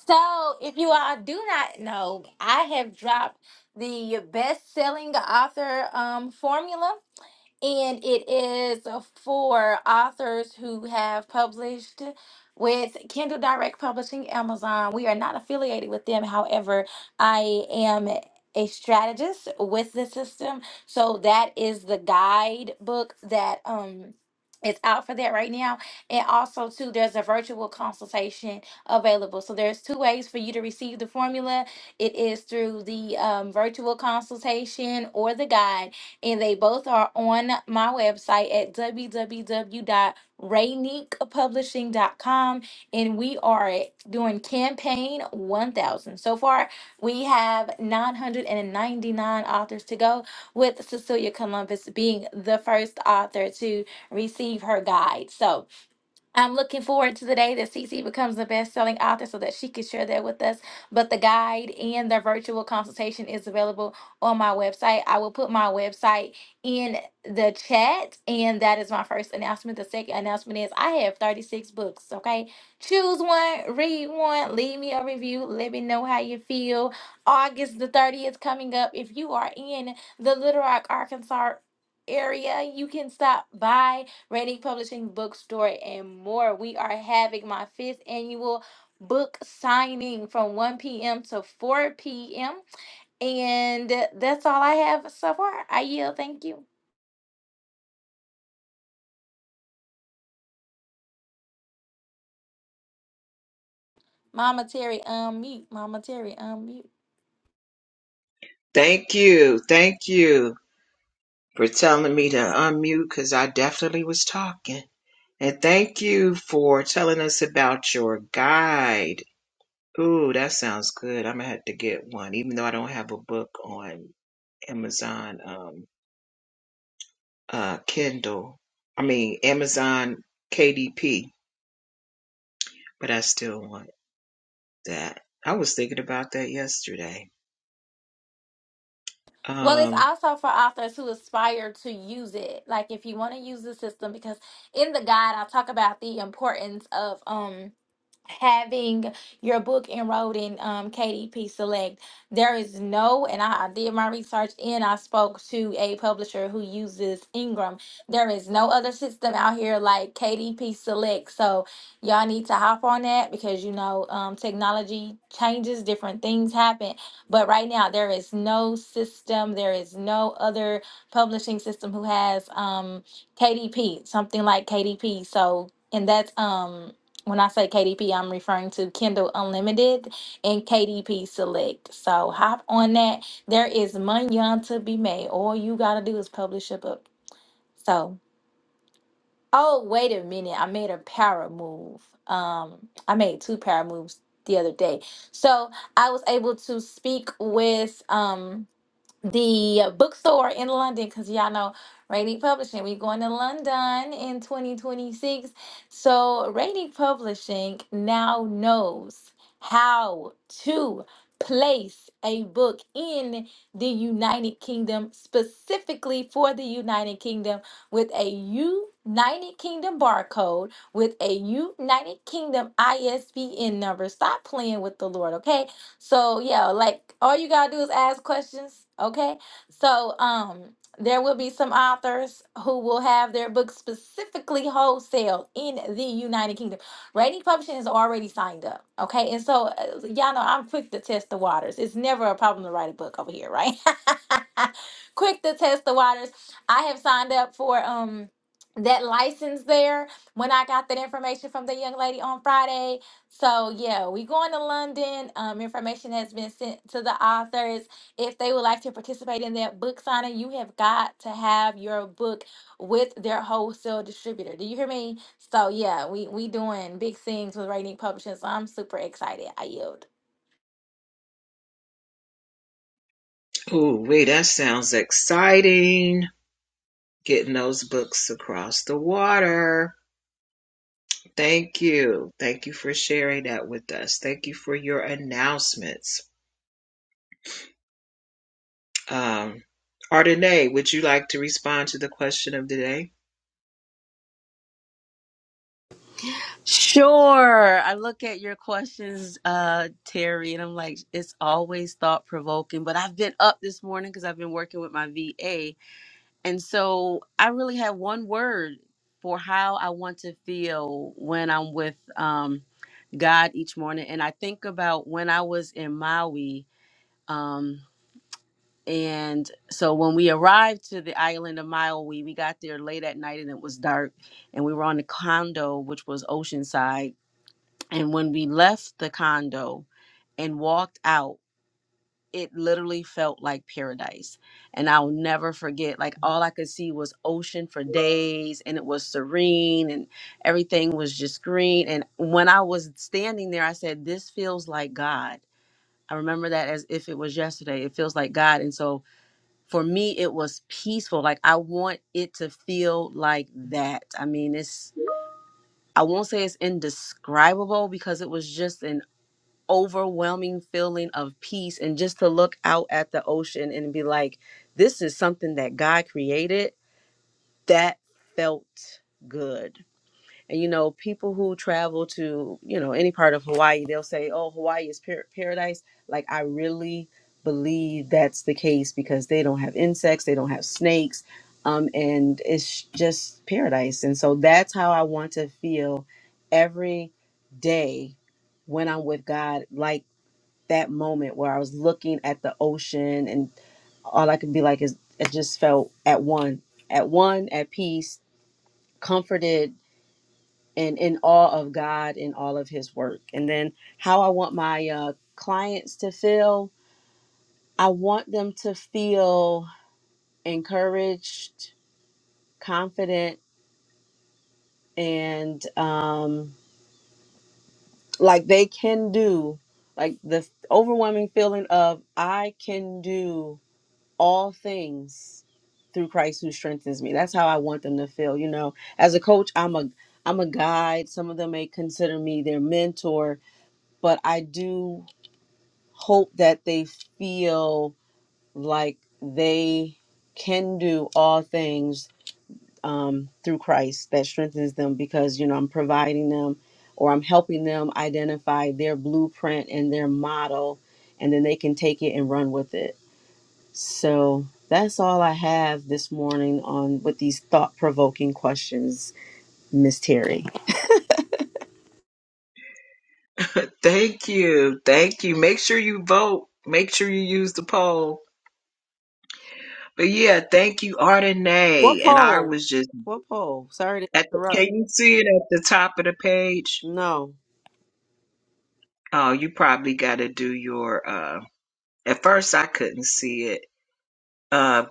[SPEAKER 7] so, if you all do not know, I have dropped the best-selling author um formula. and it is for authors who have published with Kindle Direct Publishing Amazon. We are not affiliated with them. However, I am a strategist with the system. So that is the guidebook that um is out for that right now. And also too, there's a virtual consultation available. So there's two ways for you to receive the formula. It is through the um, virtual consultation or the guide and they both are on my website at w w w dot raynique publishing dot com, and we are doing campaign 1000 so far we have 999 authors to go with cecilia columbus being the first author to receive her guide so I'm looking forward to the day that Cece becomes the best-selling author so that she can share that with us. But the guide and the virtual consultation is available on my website. I will put my website in the chat, and that is my first announcement. The second announcement is I have 36 books, okay? Choose one, read one, leave me a review, let me know how you feel. August the 30th coming up. If you are in the Little Rock, Arkansas area, you can stop by Rainy Publishing Bookstore, and more. We are having my fifth annual book signing from 1 p.m. to 4 p.m. And that's all I have so far. I yield. Thank you. Mama Terry, unmute. Mama Terry, unmute.
[SPEAKER 2] Thank you. Thank you for telling me to unmute because I definitely was talking. And thank you for telling us about your guide Ooh, that sounds good. I'm gonna have to get one, even though I don't have a book on Amazon um uh Kindle. I mean Amazon KDP, but I still want that. I was thinking about that yesterday.
[SPEAKER 7] Well, it's
[SPEAKER 2] Um
[SPEAKER 7] also for authors who aspire to use it. Like if you want to use the system, because in the guide, I'll talk about the importance of um having your book enrolled in um, KDP Select, there is no, and I, I did my research and I spoke to a publisher who uses Ingram. There is no other system out here like KDP Select. So y'all need to hop on that because you know um, technology changes, different things happen. But right now, there is no system, there is no other publishing system who has um, KDP, something like KDP. So, and that's um when I say KDP, I'm referring to Kindle Unlimited and KDP Select. So hop on that. There is money on to be made. All you got to do is publish a book. So, oh, wait a minute. I made a power move. Um, I made two power moves the other day. So I was able to speak with um the uh, bookstore in London because y'all know Radic Publishing. We're going to London in 2026. So Radic Publishing now knows how to place a book in the United Kingdom, specifically for the United Kingdom, with a United Kingdom barcode, with a United Kingdom ISBN number. Stop playing with the Lord, okay? So yeah, like all you gotta do is ask questions. Okay. So um there will be some authors who will have their books specifically wholesale in the United Kingdom. Rating Publishing is already signed up. Okay. And so uh, y'all know I'm quick to test the waters. It's never a problem to write a book over here, right? quick to test the waters. I have signed up for um that license there when I got that information from the young lady on Friday. So yeah, we going to London. Um, information has been sent to the authors. If they would like to participate in that book signing, you have got to have your book with their wholesale distributor. Do you hear me? So yeah, we we doing big things with Rainy Publishing. So I'm super excited. I yield.
[SPEAKER 2] ooh, wait, that sounds exciting. Getting those books across the water. Thank you. Thank you for sharing that with us. Thank you for your announcements. Um Ardenae, would you like to respond to the question of the day?
[SPEAKER 10] Sure. I look at your questions, uh, Terry, and I'm like, it's always thought provoking. But I've been up this morning because I've been working with my VA. And so I really have one word for how I want to feel when I'm with um, God each morning. And I think about when I was in Maui. Um, and so when we arrived to the island of Maui, we got there late at night and it was dark. And we were on the condo, which was Oceanside and when we left the condo and walked out, it literally felt like paradise. And I'll never forget, like, all I could see was ocean for days, and it was serene, and everything was just green. And when I was standing there, I said, This feels like God. I remember that as if it was yesterday. It feels like God. And so for me, it was peaceful. Like, I want it to feel like that. I mean, it's, I won't say it's indescribable because it was just an overwhelming feeling of peace and just to look out at the ocean and be like this is something that God created that felt good. And you know, people who travel to, you know, any part of Hawaii, they'll say, "Oh, Hawaii is par- paradise." Like I really believe that's the case because they don't have insects, they don't have snakes, um and it's just paradise. And so that's how I want to feel every day when I'm with God. Like that moment where I was looking at the ocean and all I could be like is it just felt at one, at one, at peace, comforted and in awe of God and all of his work. And then how I want my uh, clients to feel, I want them to feel encouraged, confident and um like they can do like the overwhelming feeling of I can do all things through Christ who strengthens me. That's how I want them to feel. You know, as a coach, I'm a I'm a guide. Some of them may consider me their mentor, but I do hope that they feel like they can do all things um, through Christ that strengthens them because you know I'm providing them or I'm helping them identify their blueprint and their model, and then they can take it and run with it. So that's all I have this morning on with these thought provoking questions, Miss Terry.
[SPEAKER 2] Thank you. Thank you. Make sure you vote. Make sure you use the poll. But yeah, thank you,
[SPEAKER 10] What
[SPEAKER 2] Ardenay. And I
[SPEAKER 10] poll?
[SPEAKER 2] was just
[SPEAKER 10] What poll? Sorry to
[SPEAKER 2] at the,
[SPEAKER 10] interrupt.
[SPEAKER 2] can you see it at the top of the page?
[SPEAKER 10] No.
[SPEAKER 2] Oh, you probably gotta do your uh at first I couldn't see it. Uh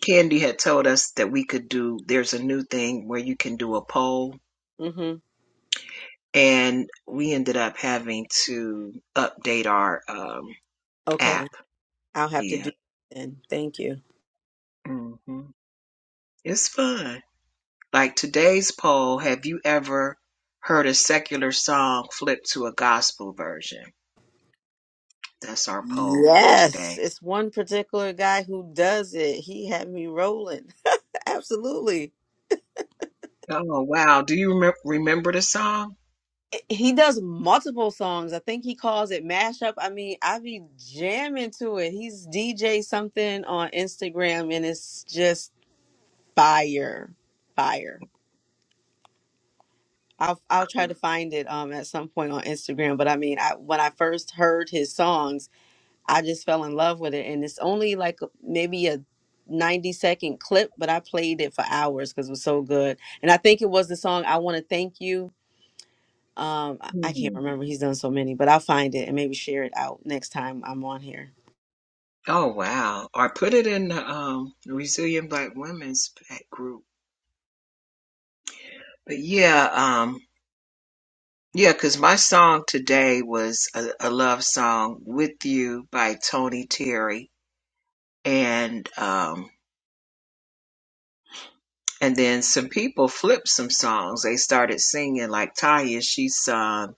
[SPEAKER 2] Candy had told us that we could do there's a new thing where you can do a poll
[SPEAKER 10] Mm-hmm.
[SPEAKER 2] and we ended up having to update our um
[SPEAKER 10] Okay.
[SPEAKER 2] app.
[SPEAKER 10] I'll have to
[SPEAKER 2] Yeah.
[SPEAKER 10] do it then. Thank you.
[SPEAKER 2] mm hmm It's fun. Like today's poll, have you ever heard a secular song flipped to a gospel version? That's our poll for
[SPEAKER 10] Yes.
[SPEAKER 2] today.
[SPEAKER 10] It's one particular guy who does it. He had me rolling. Absolutely.
[SPEAKER 2] Oh, wow. Do you remem- remember the song?
[SPEAKER 10] Eh, He does multiple songs. I think he calls it mashup. I mean, I be jamming to it. He's DJ something on Instagram and it's just fire fire i'll i'll try to find it um at some point on instagram but i mean i when i first heard his songs i just fell in love with it and it's only like maybe a 90 second clip but i played it for hours because it was so good and i think it was the song i want to thank you um i I can't
[SPEAKER 2] Hmm.
[SPEAKER 10] remember he's done so many but i'll find it and maybe share it out next time i'm on here
[SPEAKER 2] Oh, wow. Or put it in the um, Resilient Black Women's pa- group. But yeah, um, yeah, because my song today was a, a love song, With You by Tony Terry. And um, And then some people flipped some songs. They started singing like Taya. She sung,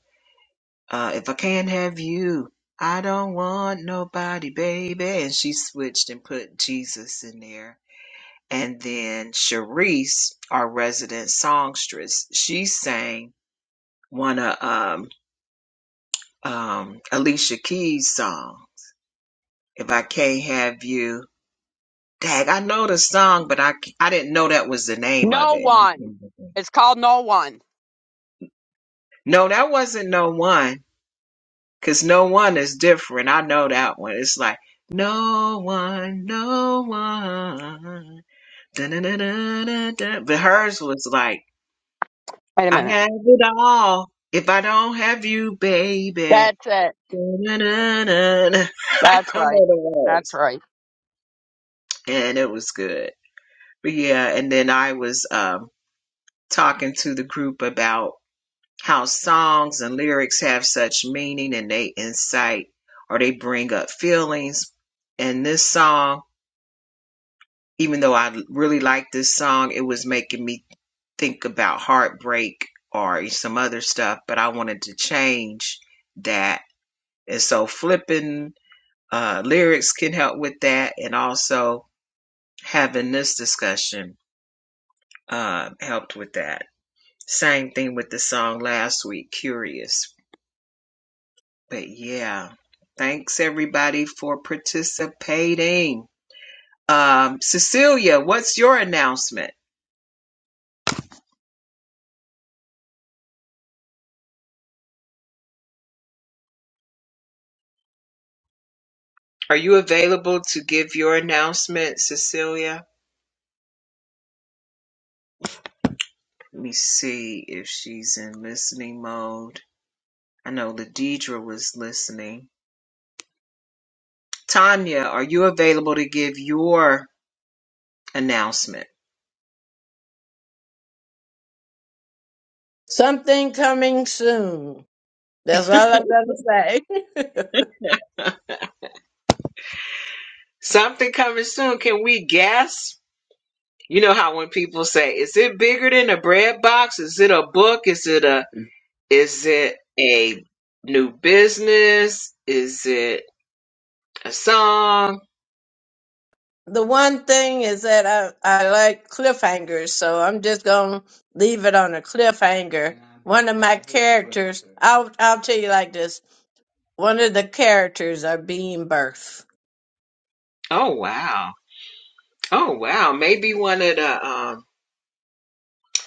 [SPEAKER 2] uh, "If I Can't Have You, I Don't Want Nobody, Baby," and she switched and put Jesus in there. And then Sharice, our resident songstress, she sang one of um, um, Alicia Keys' song, "If I Can't Have You." Dag, I know the song, but I I didn't know that was the name of
[SPEAKER 4] No
[SPEAKER 2] it.
[SPEAKER 4] one. It's called no one.
[SPEAKER 2] No, that wasn't no one. Cause no one is different. I know that one. It's like no one, no one. Da-na-na-na-na-na. But hers was like,
[SPEAKER 4] Wait a
[SPEAKER 2] I
[SPEAKER 4] minute.
[SPEAKER 2] have it all. If I don't have you, baby.
[SPEAKER 4] That's it.
[SPEAKER 2] Da-na-na-na-na. I
[SPEAKER 4] That's
[SPEAKER 2] don't
[SPEAKER 4] right.
[SPEAKER 2] know the
[SPEAKER 4] That's
[SPEAKER 2] words.
[SPEAKER 4] right.
[SPEAKER 2] And it was good. But yeah, and then I was um talking to the group about how songs and lyrics have such meaning and they incite or they bring up feelings. And this song, even though I really like this song, it was making me think about heartbreak or some other stuff, but I wanted to change that. And so flipping uh, lyrics can help with that. And also having this discussion uh, helped with that. Same thing with the song last week, Curious But yeah, thanks everybody for participating. Um, Cecilia, what's your announcement? Are you available to give your announcement, Cecilia? Let me see if she's in listening mode. I know Ladidra was listening. Tanya, are you available to give your announcement?
[SPEAKER 6] Something coming soon. That's all I'm gonna say.
[SPEAKER 2] Something coming soon. Can we guess? You know how when people say, is it bigger than a bread box? Is it a book? Is it a Is it a new business? Is it a song?
[SPEAKER 6] the one thing is that I, I like cliffhangers, so I'm just gonna leave it on a cliffhanger. One of my characters, I'll I'll tell you like this. One of the characters are being birthed.
[SPEAKER 2] Oh wow. Oh wow. Maybe one of the um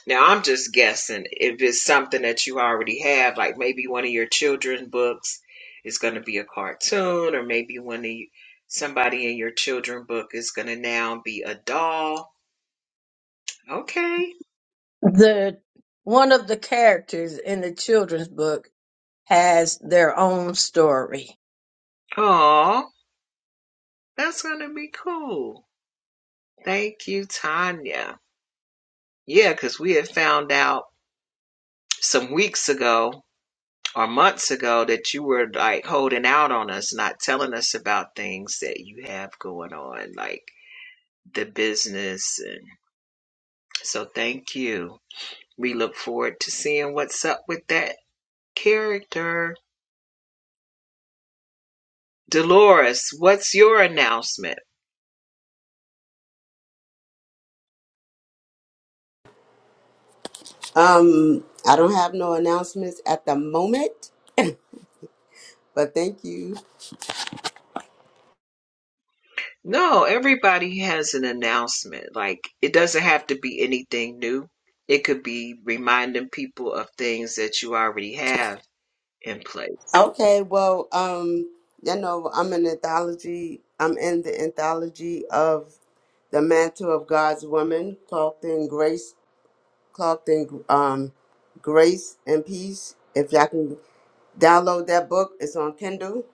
[SPEAKER 2] now I'm just guessing if it's something that you already have, like maybe one of your children books is gonna be a cartoon, or maybe one of you, somebody in your children book is gonna now be a doll. Okay.
[SPEAKER 6] The one of the characters in the children's book has their own story.
[SPEAKER 2] Oh, that's gonna be cool. Thank you, Tanya. Yeah, because we had found out some weeks ago or months ago that you were like holding out on us, not telling us about things that you have going on, like the business. And so, thank you. We look forward to seeing what's up with that character. Dolores, what's your announcement?
[SPEAKER 9] Um, I don't have no announcements at the moment, but thank you.
[SPEAKER 2] No, everybody has an announcement. Like, it doesn't have to be anything new. It could be reminding people of things that you already have in place.
[SPEAKER 9] Okay, well, um, you know, I'm an anthology. I'm in the anthology of the mantle of God's woman called in Grace Clark then um, Grace and Peace. If y'all can download that book, it's on Kindle.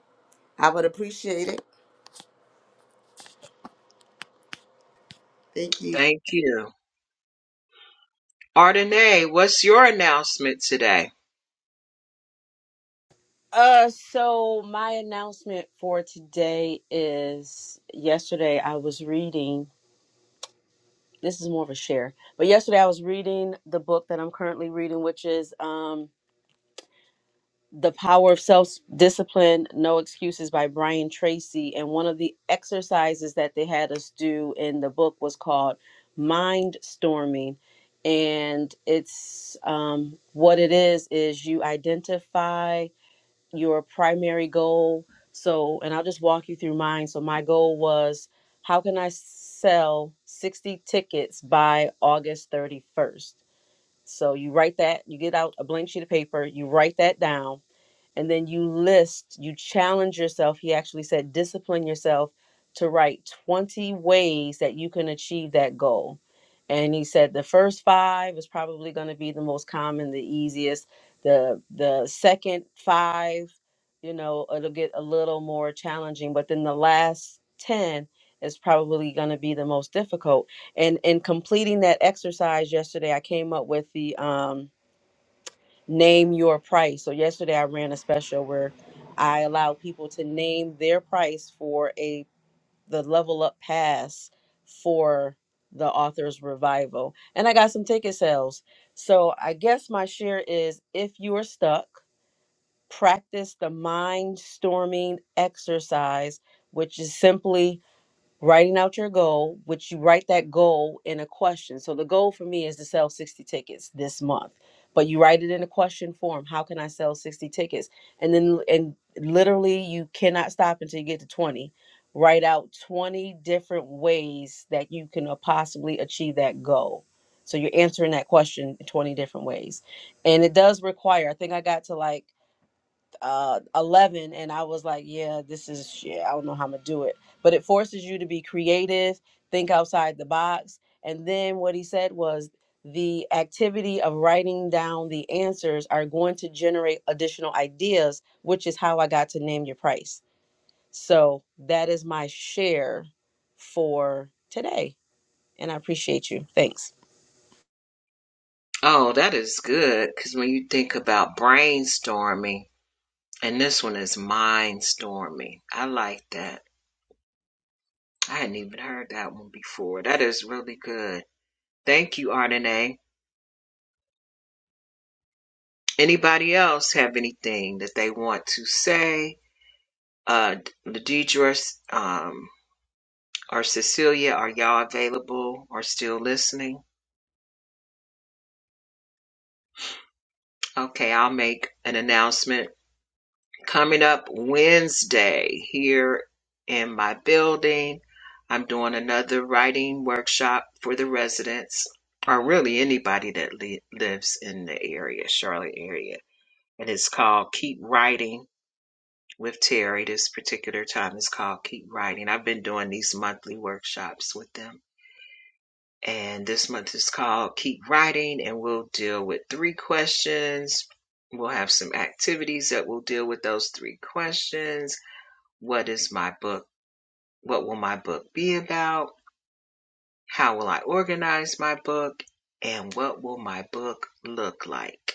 [SPEAKER 9] I would appreciate it. Thank you.
[SPEAKER 2] Thank you. Ardenay, what's your announcement today?
[SPEAKER 10] Uh, so my announcement for today is yesterday I was reading. this is more of a share. But yesterday I was reading the book that I'm currently reading, which is um, The Power of Self Discipline No Excuses by Brian Tracy. And one of the exercises that they had us do in the book was called Mind Storming. And it's um, what it is is you identify your primary goal. So, and I'll just walk you through mine. So, my goal was how can I sell 60 tickets by August 31st? So, you write that, you get out a blank sheet of paper, you write that down, and then you list, you challenge yourself. He actually said, discipline yourself to write 20 ways that you can achieve that goal. And he said the first five is probably going to be the most common, the easiest. The the second five, you know, it'll get a little more challenging, but then the last 10 is probably going to be the most difficult. And in completing that exercise yesterday, I came up with the um name your price. So yesterday I ran a special where I allowed people to name their price for a the level up pass for the author's revival. And I got some ticket sales. So I guess my share is if you are stuck, practice the mind storming exercise, which is simply writing out your goal, which you write that goal in a question. So the goal for me is to sell 60 tickets this month. But you write it in a question form. How can I sell 60 tickets? And then and literally you cannot stop until you get to 20. Write out 20 different ways that you can uh, possibly achieve that goal. So you're answering that question in 20 different ways. And it does require, I think I got to like uh 11 and i was like yeah this is shit i don't know how i'm gonna do it but it forces you to be creative think outside the box and then what he said was the activity of writing down the answers are going to generate additional ideas which is how i got to name your price so that is my share for today and i appreciate you thanks
[SPEAKER 2] Oh, that is good because when you think about brainstorming, and this one is mindstorming. I like that. I hadn't even heard that one before. That is really good. Thank you, Ardenay. Anybody else have anything that they want to say? Uh, Ladidra um, or Cecilia, are y'all available or still listening? Okay, I'll make an announcement. coming up Wednesday here in my building. I'm doing another writing workshop for the residents, or really anybody that li- lives in the area, Charlotte area. And it's called Keep Writing with Terry. This particular time is called Keep Writing. I've been doing these monthly workshops with them. And this month is called Keep Writing, and we'll deal with three questions. We'll have some activities that will deal with those three questions what is my book? What will my book be about? How will I organize my book? And what will my book look like?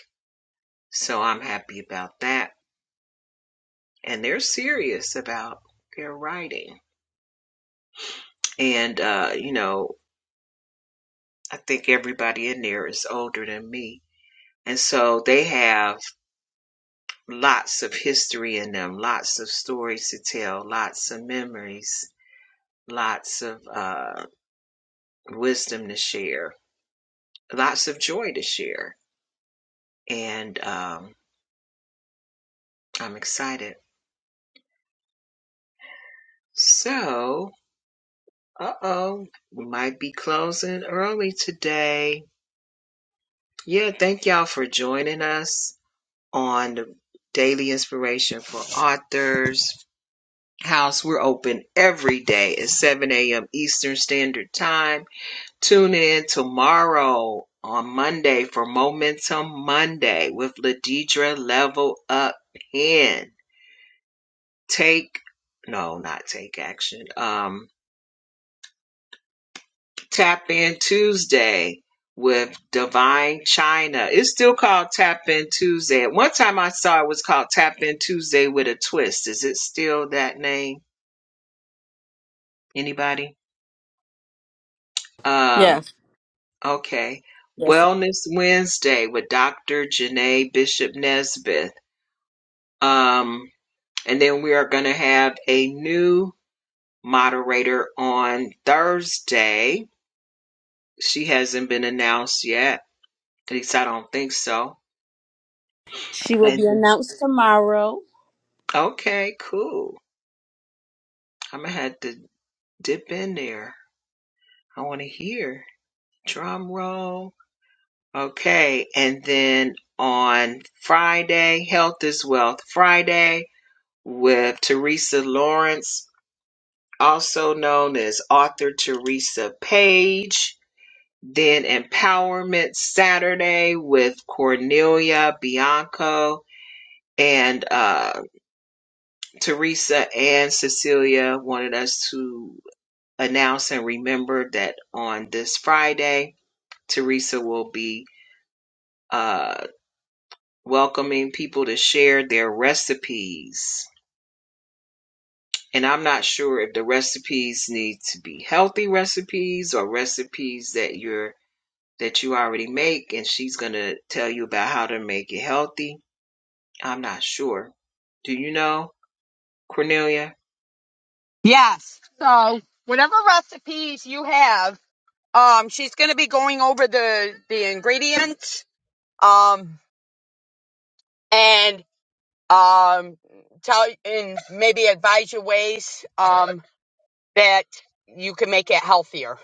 [SPEAKER 2] So I'm happy about that. And they're serious about their writing. And, uh, you know, I think everybody in there is older than me. And so they have lots of history in them, lots of stories to tell, lots of memories, lots of uh, wisdom to share, lots of joy to share. and um, I'm excited. So, uh oh, we might be closing early today. Yeah, thank y'all for joining us on the Daily Inspiration for Authors House. We're open every day at 7 a.m. Eastern Standard Time. Tune in tomorrow on Monday for Momentum Monday with Ladidra Level Up Pen. Take, no, not take action. Um. Tap In Tuesday with Divine China. It's still called Tap In Tuesday. At one time I saw it was called Tap In Tuesday with a twist. Is it still that name? Anybody? Um,
[SPEAKER 10] Yes.
[SPEAKER 2] okay.
[SPEAKER 10] Yes.
[SPEAKER 2] Wellness Wednesday with Dr. Janae Bishop Nesbitt. Um, and then we are going to have a new moderator on Thursday. She hasn't been announced yet. At least I don't think so.
[SPEAKER 10] She will be
[SPEAKER 2] And
[SPEAKER 10] announced tomorrow.
[SPEAKER 2] Okay, cool. I'm gonna have to dip in there. I want to hear drum roll. Okay, and then on Friday, Health is Wealth Friday with Teresa Lawrence, also known as author Teresa Page. Then Empowerment Saturday with Cornelia Bianco and uh, Teresa and Cecilia wanted us to announce and remember that on this Friday, Teresa will be uh, welcoming people to share their recipes. And I'm not sure if the recipes need to be healthy recipes or recipes that you're that you already make, and she's gonna tell you about how to make it healthy. I'm not sure. Do you know, Cornelia?
[SPEAKER 4] Yes. So whatever recipes you have, um, she's gonna be going over the the ingredients, um, and um, tell and maybe advise you ways, um, that you can make it healthier.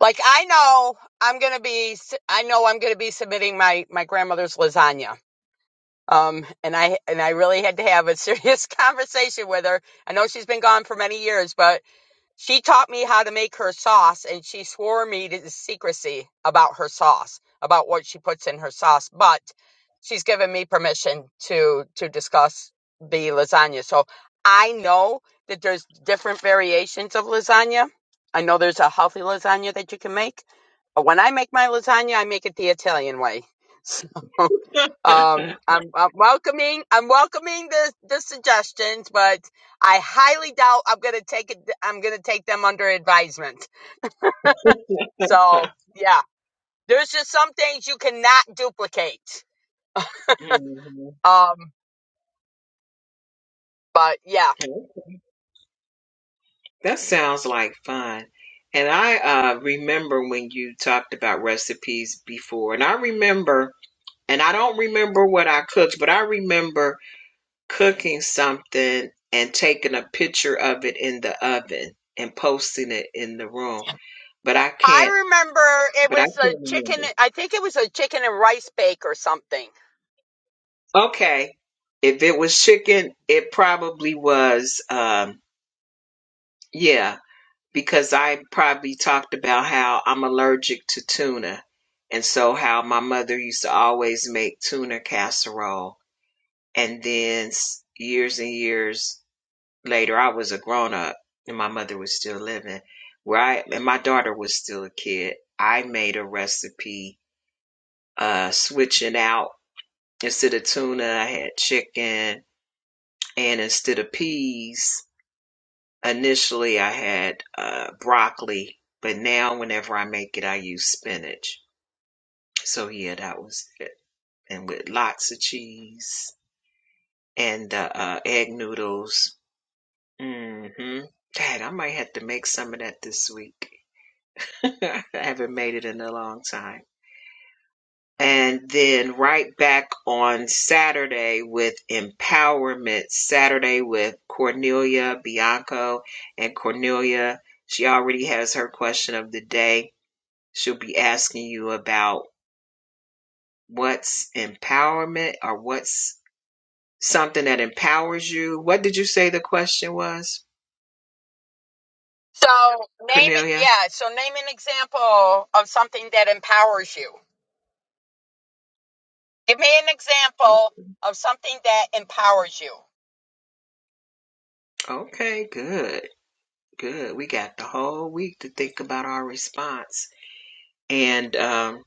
[SPEAKER 4] Like I know I'm gonna be, s- I know I'm gonna be submitting my my grandmother's lasagna. Um, and I and I really had to have a serious conversation with her. I know she's been gone for many years, but she taught me how to make her sauce, and she swore me to secrecy about her sauce, about what she puts in her sauce. But she's given me permission to to discuss the lasagna. So I know that there's different variations of lasagna. I know there's a healthy lasagna that you can make. But when I make my lasagna, I make it the Italian way. So. Um, I'm, I'm welcoming. I'm welcoming the the suggestions, but I highly doubt I'm gonna take it. I'm gonna take them under advisement. So yeah, there's just some things you cannot duplicate.
[SPEAKER 2] hmm
[SPEAKER 4] Um, but yeah,
[SPEAKER 2] That sounds like fun. And I uh, remember when you talked about recipes before, and I remember, and I don't remember what I cooked, but I remember cooking something and taking a picture of it in the oven and posting it in the room. But I can't,
[SPEAKER 4] I remember it
[SPEAKER 2] but I
[SPEAKER 4] was a
[SPEAKER 2] can't
[SPEAKER 4] chicken.
[SPEAKER 2] remember.
[SPEAKER 4] I think it was a chicken and rice bake or something.
[SPEAKER 2] Okay. If it was chicken, it probably was, um, yeah. because I probably talked about how I'm allergic to tuna. And so, how my mother used to always make tuna casserole. And then, s- years and years later, I was a grown up and my mother was still living, where I and my daughter was still a kid. I made a recipe uh, switching out instead of tuna, I had chicken, and instead of peas. Initially, I had uh, broccoli, but now whenever I make it, I use spinach. So yeah, that was it, and with lots of cheese and uh, uh, egg noodles. Mm-hmm. Dad, I might have to make some of that this week. I haven't made it in a long time. And then right back on Saturday with Empowerment Saturday with Cornelia Bianco. And Cornelia, she already has her question of the day She'll be asking you about what's empowerment or what's something that empowers you. What did you say the question was,
[SPEAKER 4] So name it.
[SPEAKER 2] Cornelia?
[SPEAKER 4] Yeah. So name an example of something that empowers you. Give me an
[SPEAKER 2] Oh,
[SPEAKER 4] example of something that empowers you.
[SPEAKER 2] Okay, good, good. We got the whole week to think about our response. And um,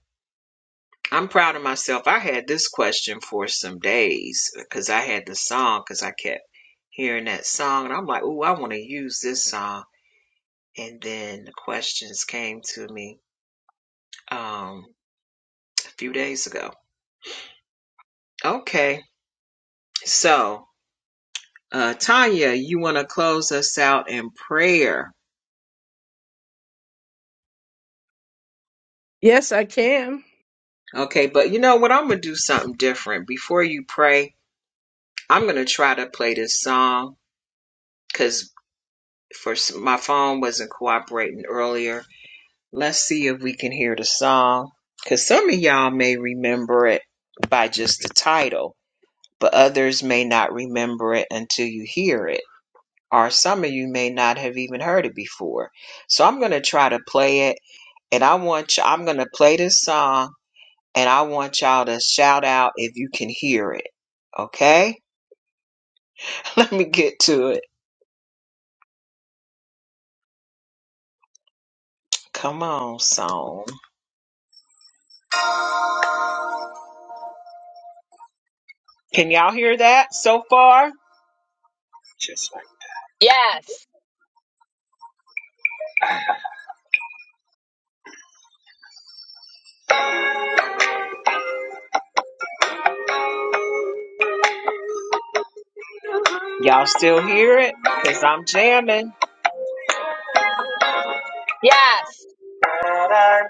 [SPEAKER 2] I'm proud of myself. I had this question for some days because I had the song because I kept hearing that song. And I'm like, oh, I want to use this song. And then the questions came to me um, a few days ago Okay. So, uh, Tanya, you want to close us out in prayer.
[SPEAKER 6] Yes, I can.
[SPEAKER 2] Okay. But you know what? I'm going to do something different. Before you pray, I'm going to try to play this song because for my phone wasn't cooperating earlier. Let's see if we can hear the song because some of y'all may remember it by just the title, but others may not remember it until you hear it. Or some of you may not have even heard it before. So I'm going to try to play it And I want you, I'm going to play this song and I want y'all to shout out if you can hear it. Okay? Let me get to it. Come on, song. Can y'all hear that so far?
[SPEAKER 4] Yes.
[SPEAKER 2] Y'all still hear it? Because I'm jamming. When
[SPEAKER 4] Yes.
[SPEAKER 2] I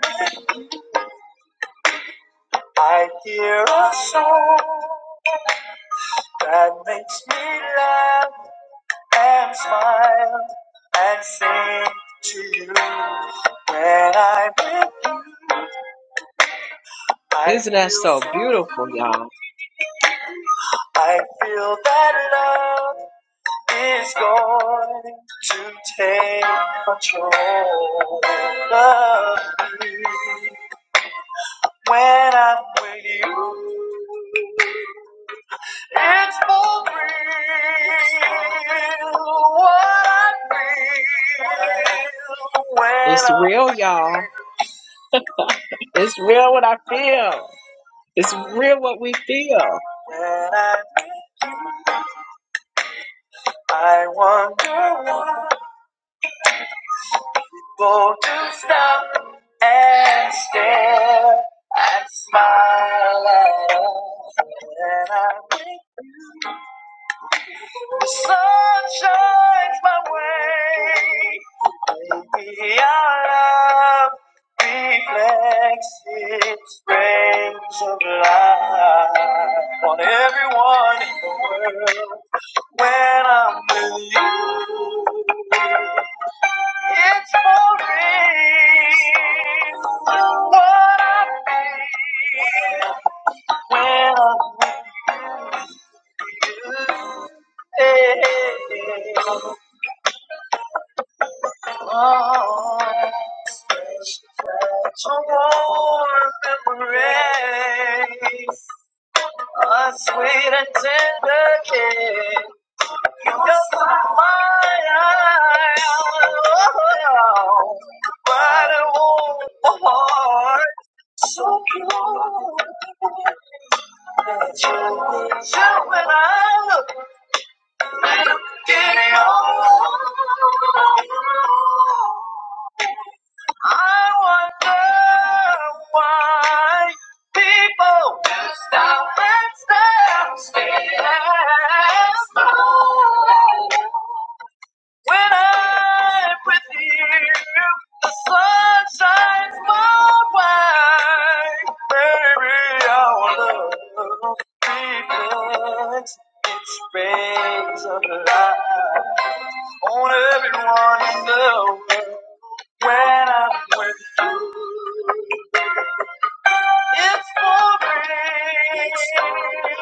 [SPEAKER 2] I hear a song that makes me laugh and smile and sing to you. When I'm with you, I Isn't that so beautiful, y'all? I feel that love is going to take control of me when I'm with you. It's for real. What I feel when it's I'm real, y'all. It's real what I feel. It's real what we feel. When I, I wonder why. able to stop and stare and smile at us. And I think the sun shines my way. Maybe our love reflects its rays of light on everyone in the world when I'm with you. It's for real. What I feel when I'm with you. Hey, Oh, such a warm embrace, a sweet and tender kiss. You just light my eyes, oh, bright and warm. So pure. That you is you when I look, I look at you. I wonder why people do stop and stare, stare. stare. When I'm with you, the sun shines my way. Baby, our love reflects its rays of light on everyone I know. When I'm with you, it's for real.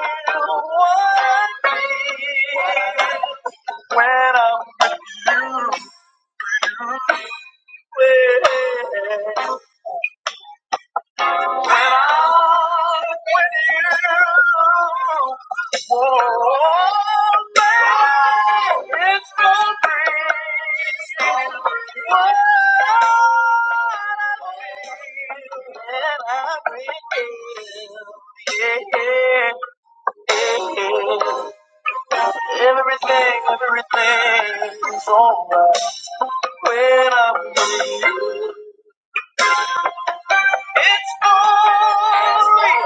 [SPEAKER 2] What I feel when I'm with you. When I'm with you, oh, baby, it's gonna what I need when I'm Yeah, yeah, yeah. Everything, is alright when I'm with you. It's all real.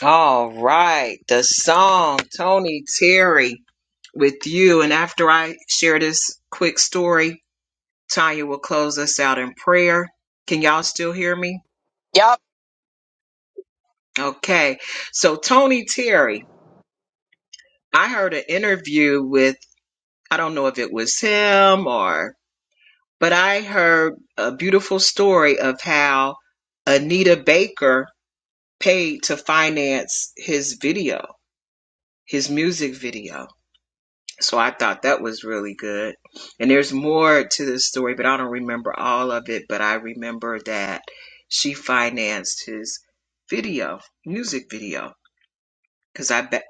[SPEAKER 2] All right, the song Tony Terry. with you. And after I share this quick story, Tanya will close us out in prayer. Can y'all still hear me?
[SPEAKER 4] Yep.
[SPEAKER 2] Okay. So, Tony Terry, I heard an interview with, I don't know if it was him or, but I heard a beautiful story of how Anita Baker paid to finance his video, his music video So I thought that was really good. And there's more to this story, but I don't remember all of it. But I remember that she financed his video, music video. Because I ba-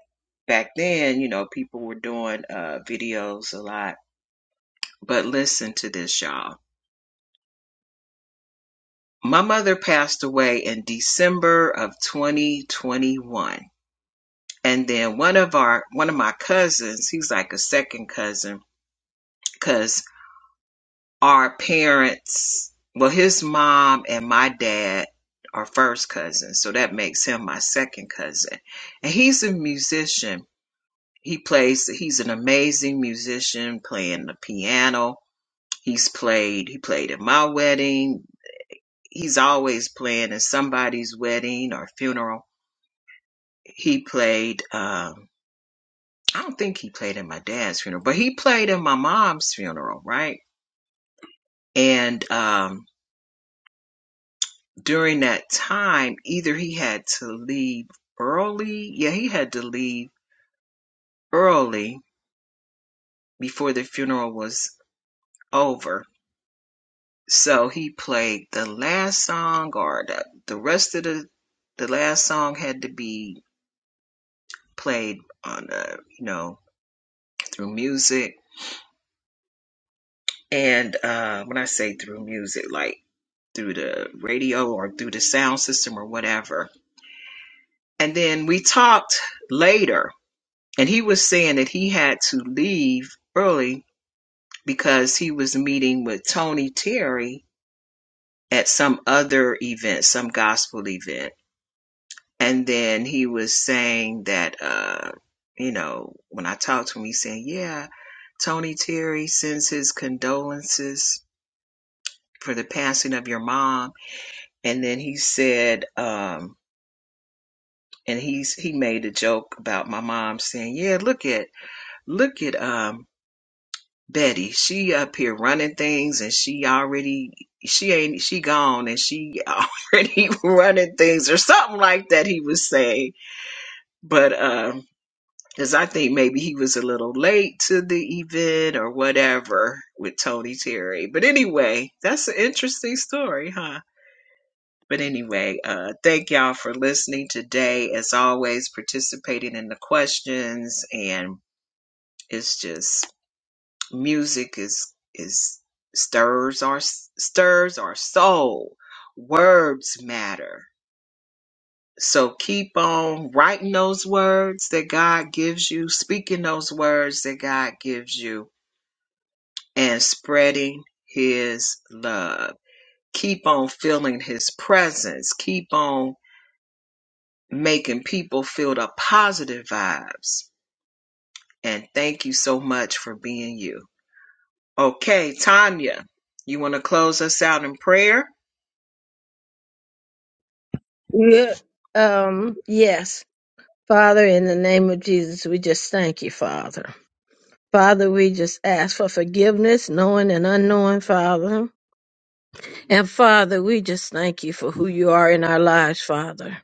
[SPEAKER 2] back then, you know, people were doing uh, videos a lot. But listen to this, y'all. My mother passed away in December of 2021. And then one of our, one of my cousins, he's like a second cousin, because. our parents well his mom and my dad are first cousins so that makes him my second cousin and he's a musician he plays he's an amazing musician playing the piano he's played he played at my wedding he's always playing at somebody's wedding or funeral he played um i don't think he played at my dad's funeral but he played at my mom's funeral right and um During that time, either he had to leave early, yeah, he had to leave early before the funeral was over. So he played the last song, or the, the rest of the the last song had to be played on a you know through music. And uh, when I say through music, like through the radio or through the sound system or whatever. And then we talked later, and he was saying that he had to leave early because he was meeting with Tony Terry at some other event, some gospel event. And then he was saying that, uh, you know, when I talked to him, he said, Yeah, Tony Terry sends his condolences for the passing of your mom. And then he said, um, and he's he made a joke about my mom saying, Yeah, look at look at um Betty, she up here running things and she already she ain't she gone and she already running things or something like that he was saying. But um because I think maybe he was a little late to the event or whatever with Tony Terry. But anyway, that's an interesting story, huh? But anyway, uh thank y'all for listening today. As always, participating in the questions and it's just music is is stirs our stirs our soul words matter so keep on writing those words that god gives you speaking those words that god gives you and spreading his love keep on feeling his presence keep on making people feel the positive vibes and thank you so much for being you okay tanya you want to close us out in prayer
[SPEAKER 6] Yeah. Um. Yes, Father, in the name of Jesus, we just thank you, Father. Father, we just ask for forgiveness, knowing and unknowing, Father. And Father, we just thank you for who you are in our lives, Father.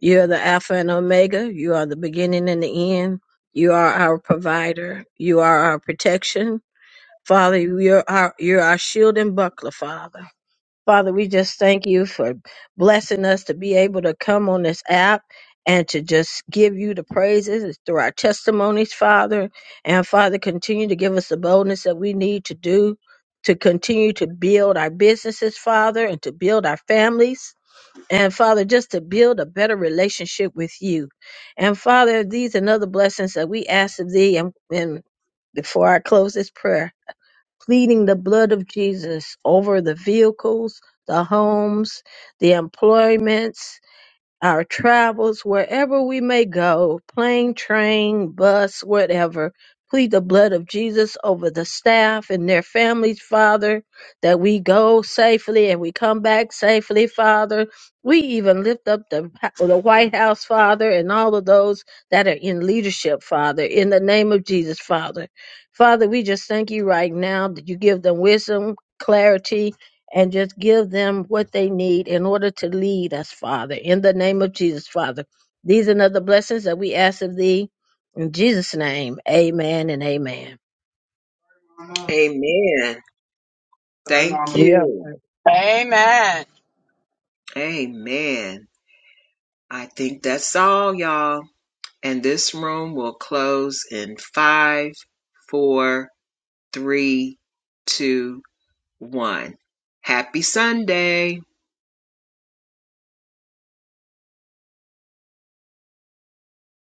[SPEAKER 6] You are the Alpha and Omega. You are the beginning and the end. You are our provider. You are our protection. Father, you're our, you're our shield and buckler, Father. Father, we just thank you for blessing us to be able to come on this app and to just give you the praises It's through our testimonies, Father. And Father, continue to give us the boldness that we need to do to continue to build our businesses, Father, and to build our families. And Father, just to build a better relationship with you. And Father, these and other blessings that we ask of thee and, and before I close this prayer pleading the blood of Jesus over the vehicles, the homes, the employments, our travels, wherever we may go, plane, train, bus, whatever. Plead the blood of Jesus over the staff and their families, Father, that we go safely and we come back safely, Father. We even lift up the, the White House, Father, and all of those that are in leadership, Father, in the name of Jesus, Father. Father, we just thank you right now that you give them wisdom, clarity, and just give them what they need in order to lead us, Father, in the name of Jesus, Father. These and other blessings that we ask of thee in Jesus' name. Amen and amen. Mama.
[SPEAKER 2] Amen.
[SPEAKER 6] Sorry,
[SPEAKER 2] Thank
[SPEAKER 6] Mama.
[SPEAKER 2] you.
[SPEAKER 4] Amen.
[SPEAKER 2] Amen. I think that's all, y'all. And this room will close in five, four, three, two, one. Happy Sunday.